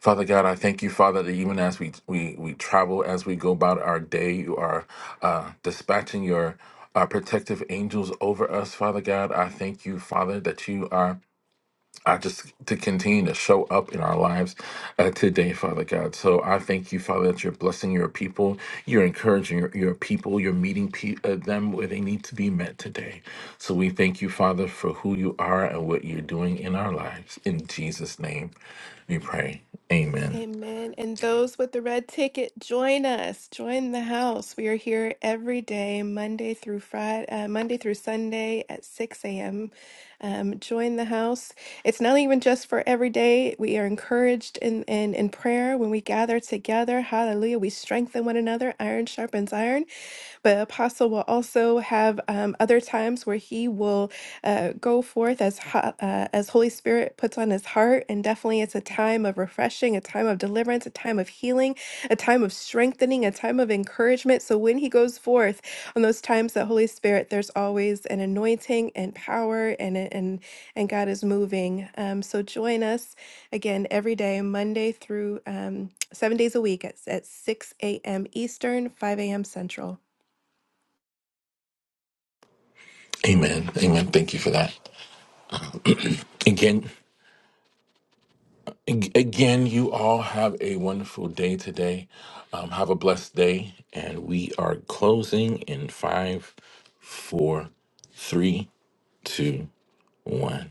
Father God, I thank you, Father, that even as we we, we travel, as we go about our day, you are uh, dispatching your uh, protective angels over us, Father God. I thank you, Father, that you are I just to continue to show up in our lives uh, today, Father God. So I thank you, Father, that you're blessing your people, you're encouraging your, your people, you're meeting pe- uh, them where they need to be met today. So we thank you, Father, for who you are and what you're doing in our lives. In Jesus' name, we pray. Amen.
Amen. And those with the red ticket, join us. Join the house. We are here every day, Monday through Friday, uh, Monday through Sunday at 6 a.m. Um, join the house. It's not even just for every day. We are encouraged in, in, in prayer when we gather together. Hallelujah. We strengthen one another. Iron sharpens iron. But Apostle will also have um, other times where he will uh, go forth as ho- uh, as Holy Spirit puts on his heart, and definitely it's a time of refreshing, a time of deliverance, a time of healing, a time of strengthening, a time of encouragement. So when he goes forth on those times that Holy Spirit, there's always an anointing and power, and and and God is moving. Um, so join us again every day, Monday through um, seven days a week at, at 6 a.m. Eastern, 5 a.m. Central.
Amen. Amen. Thank you for that. Again. Ag- Again, you all have a wonderful day today. Um, have a blessed day. And we are closing in five, four, three, two, one.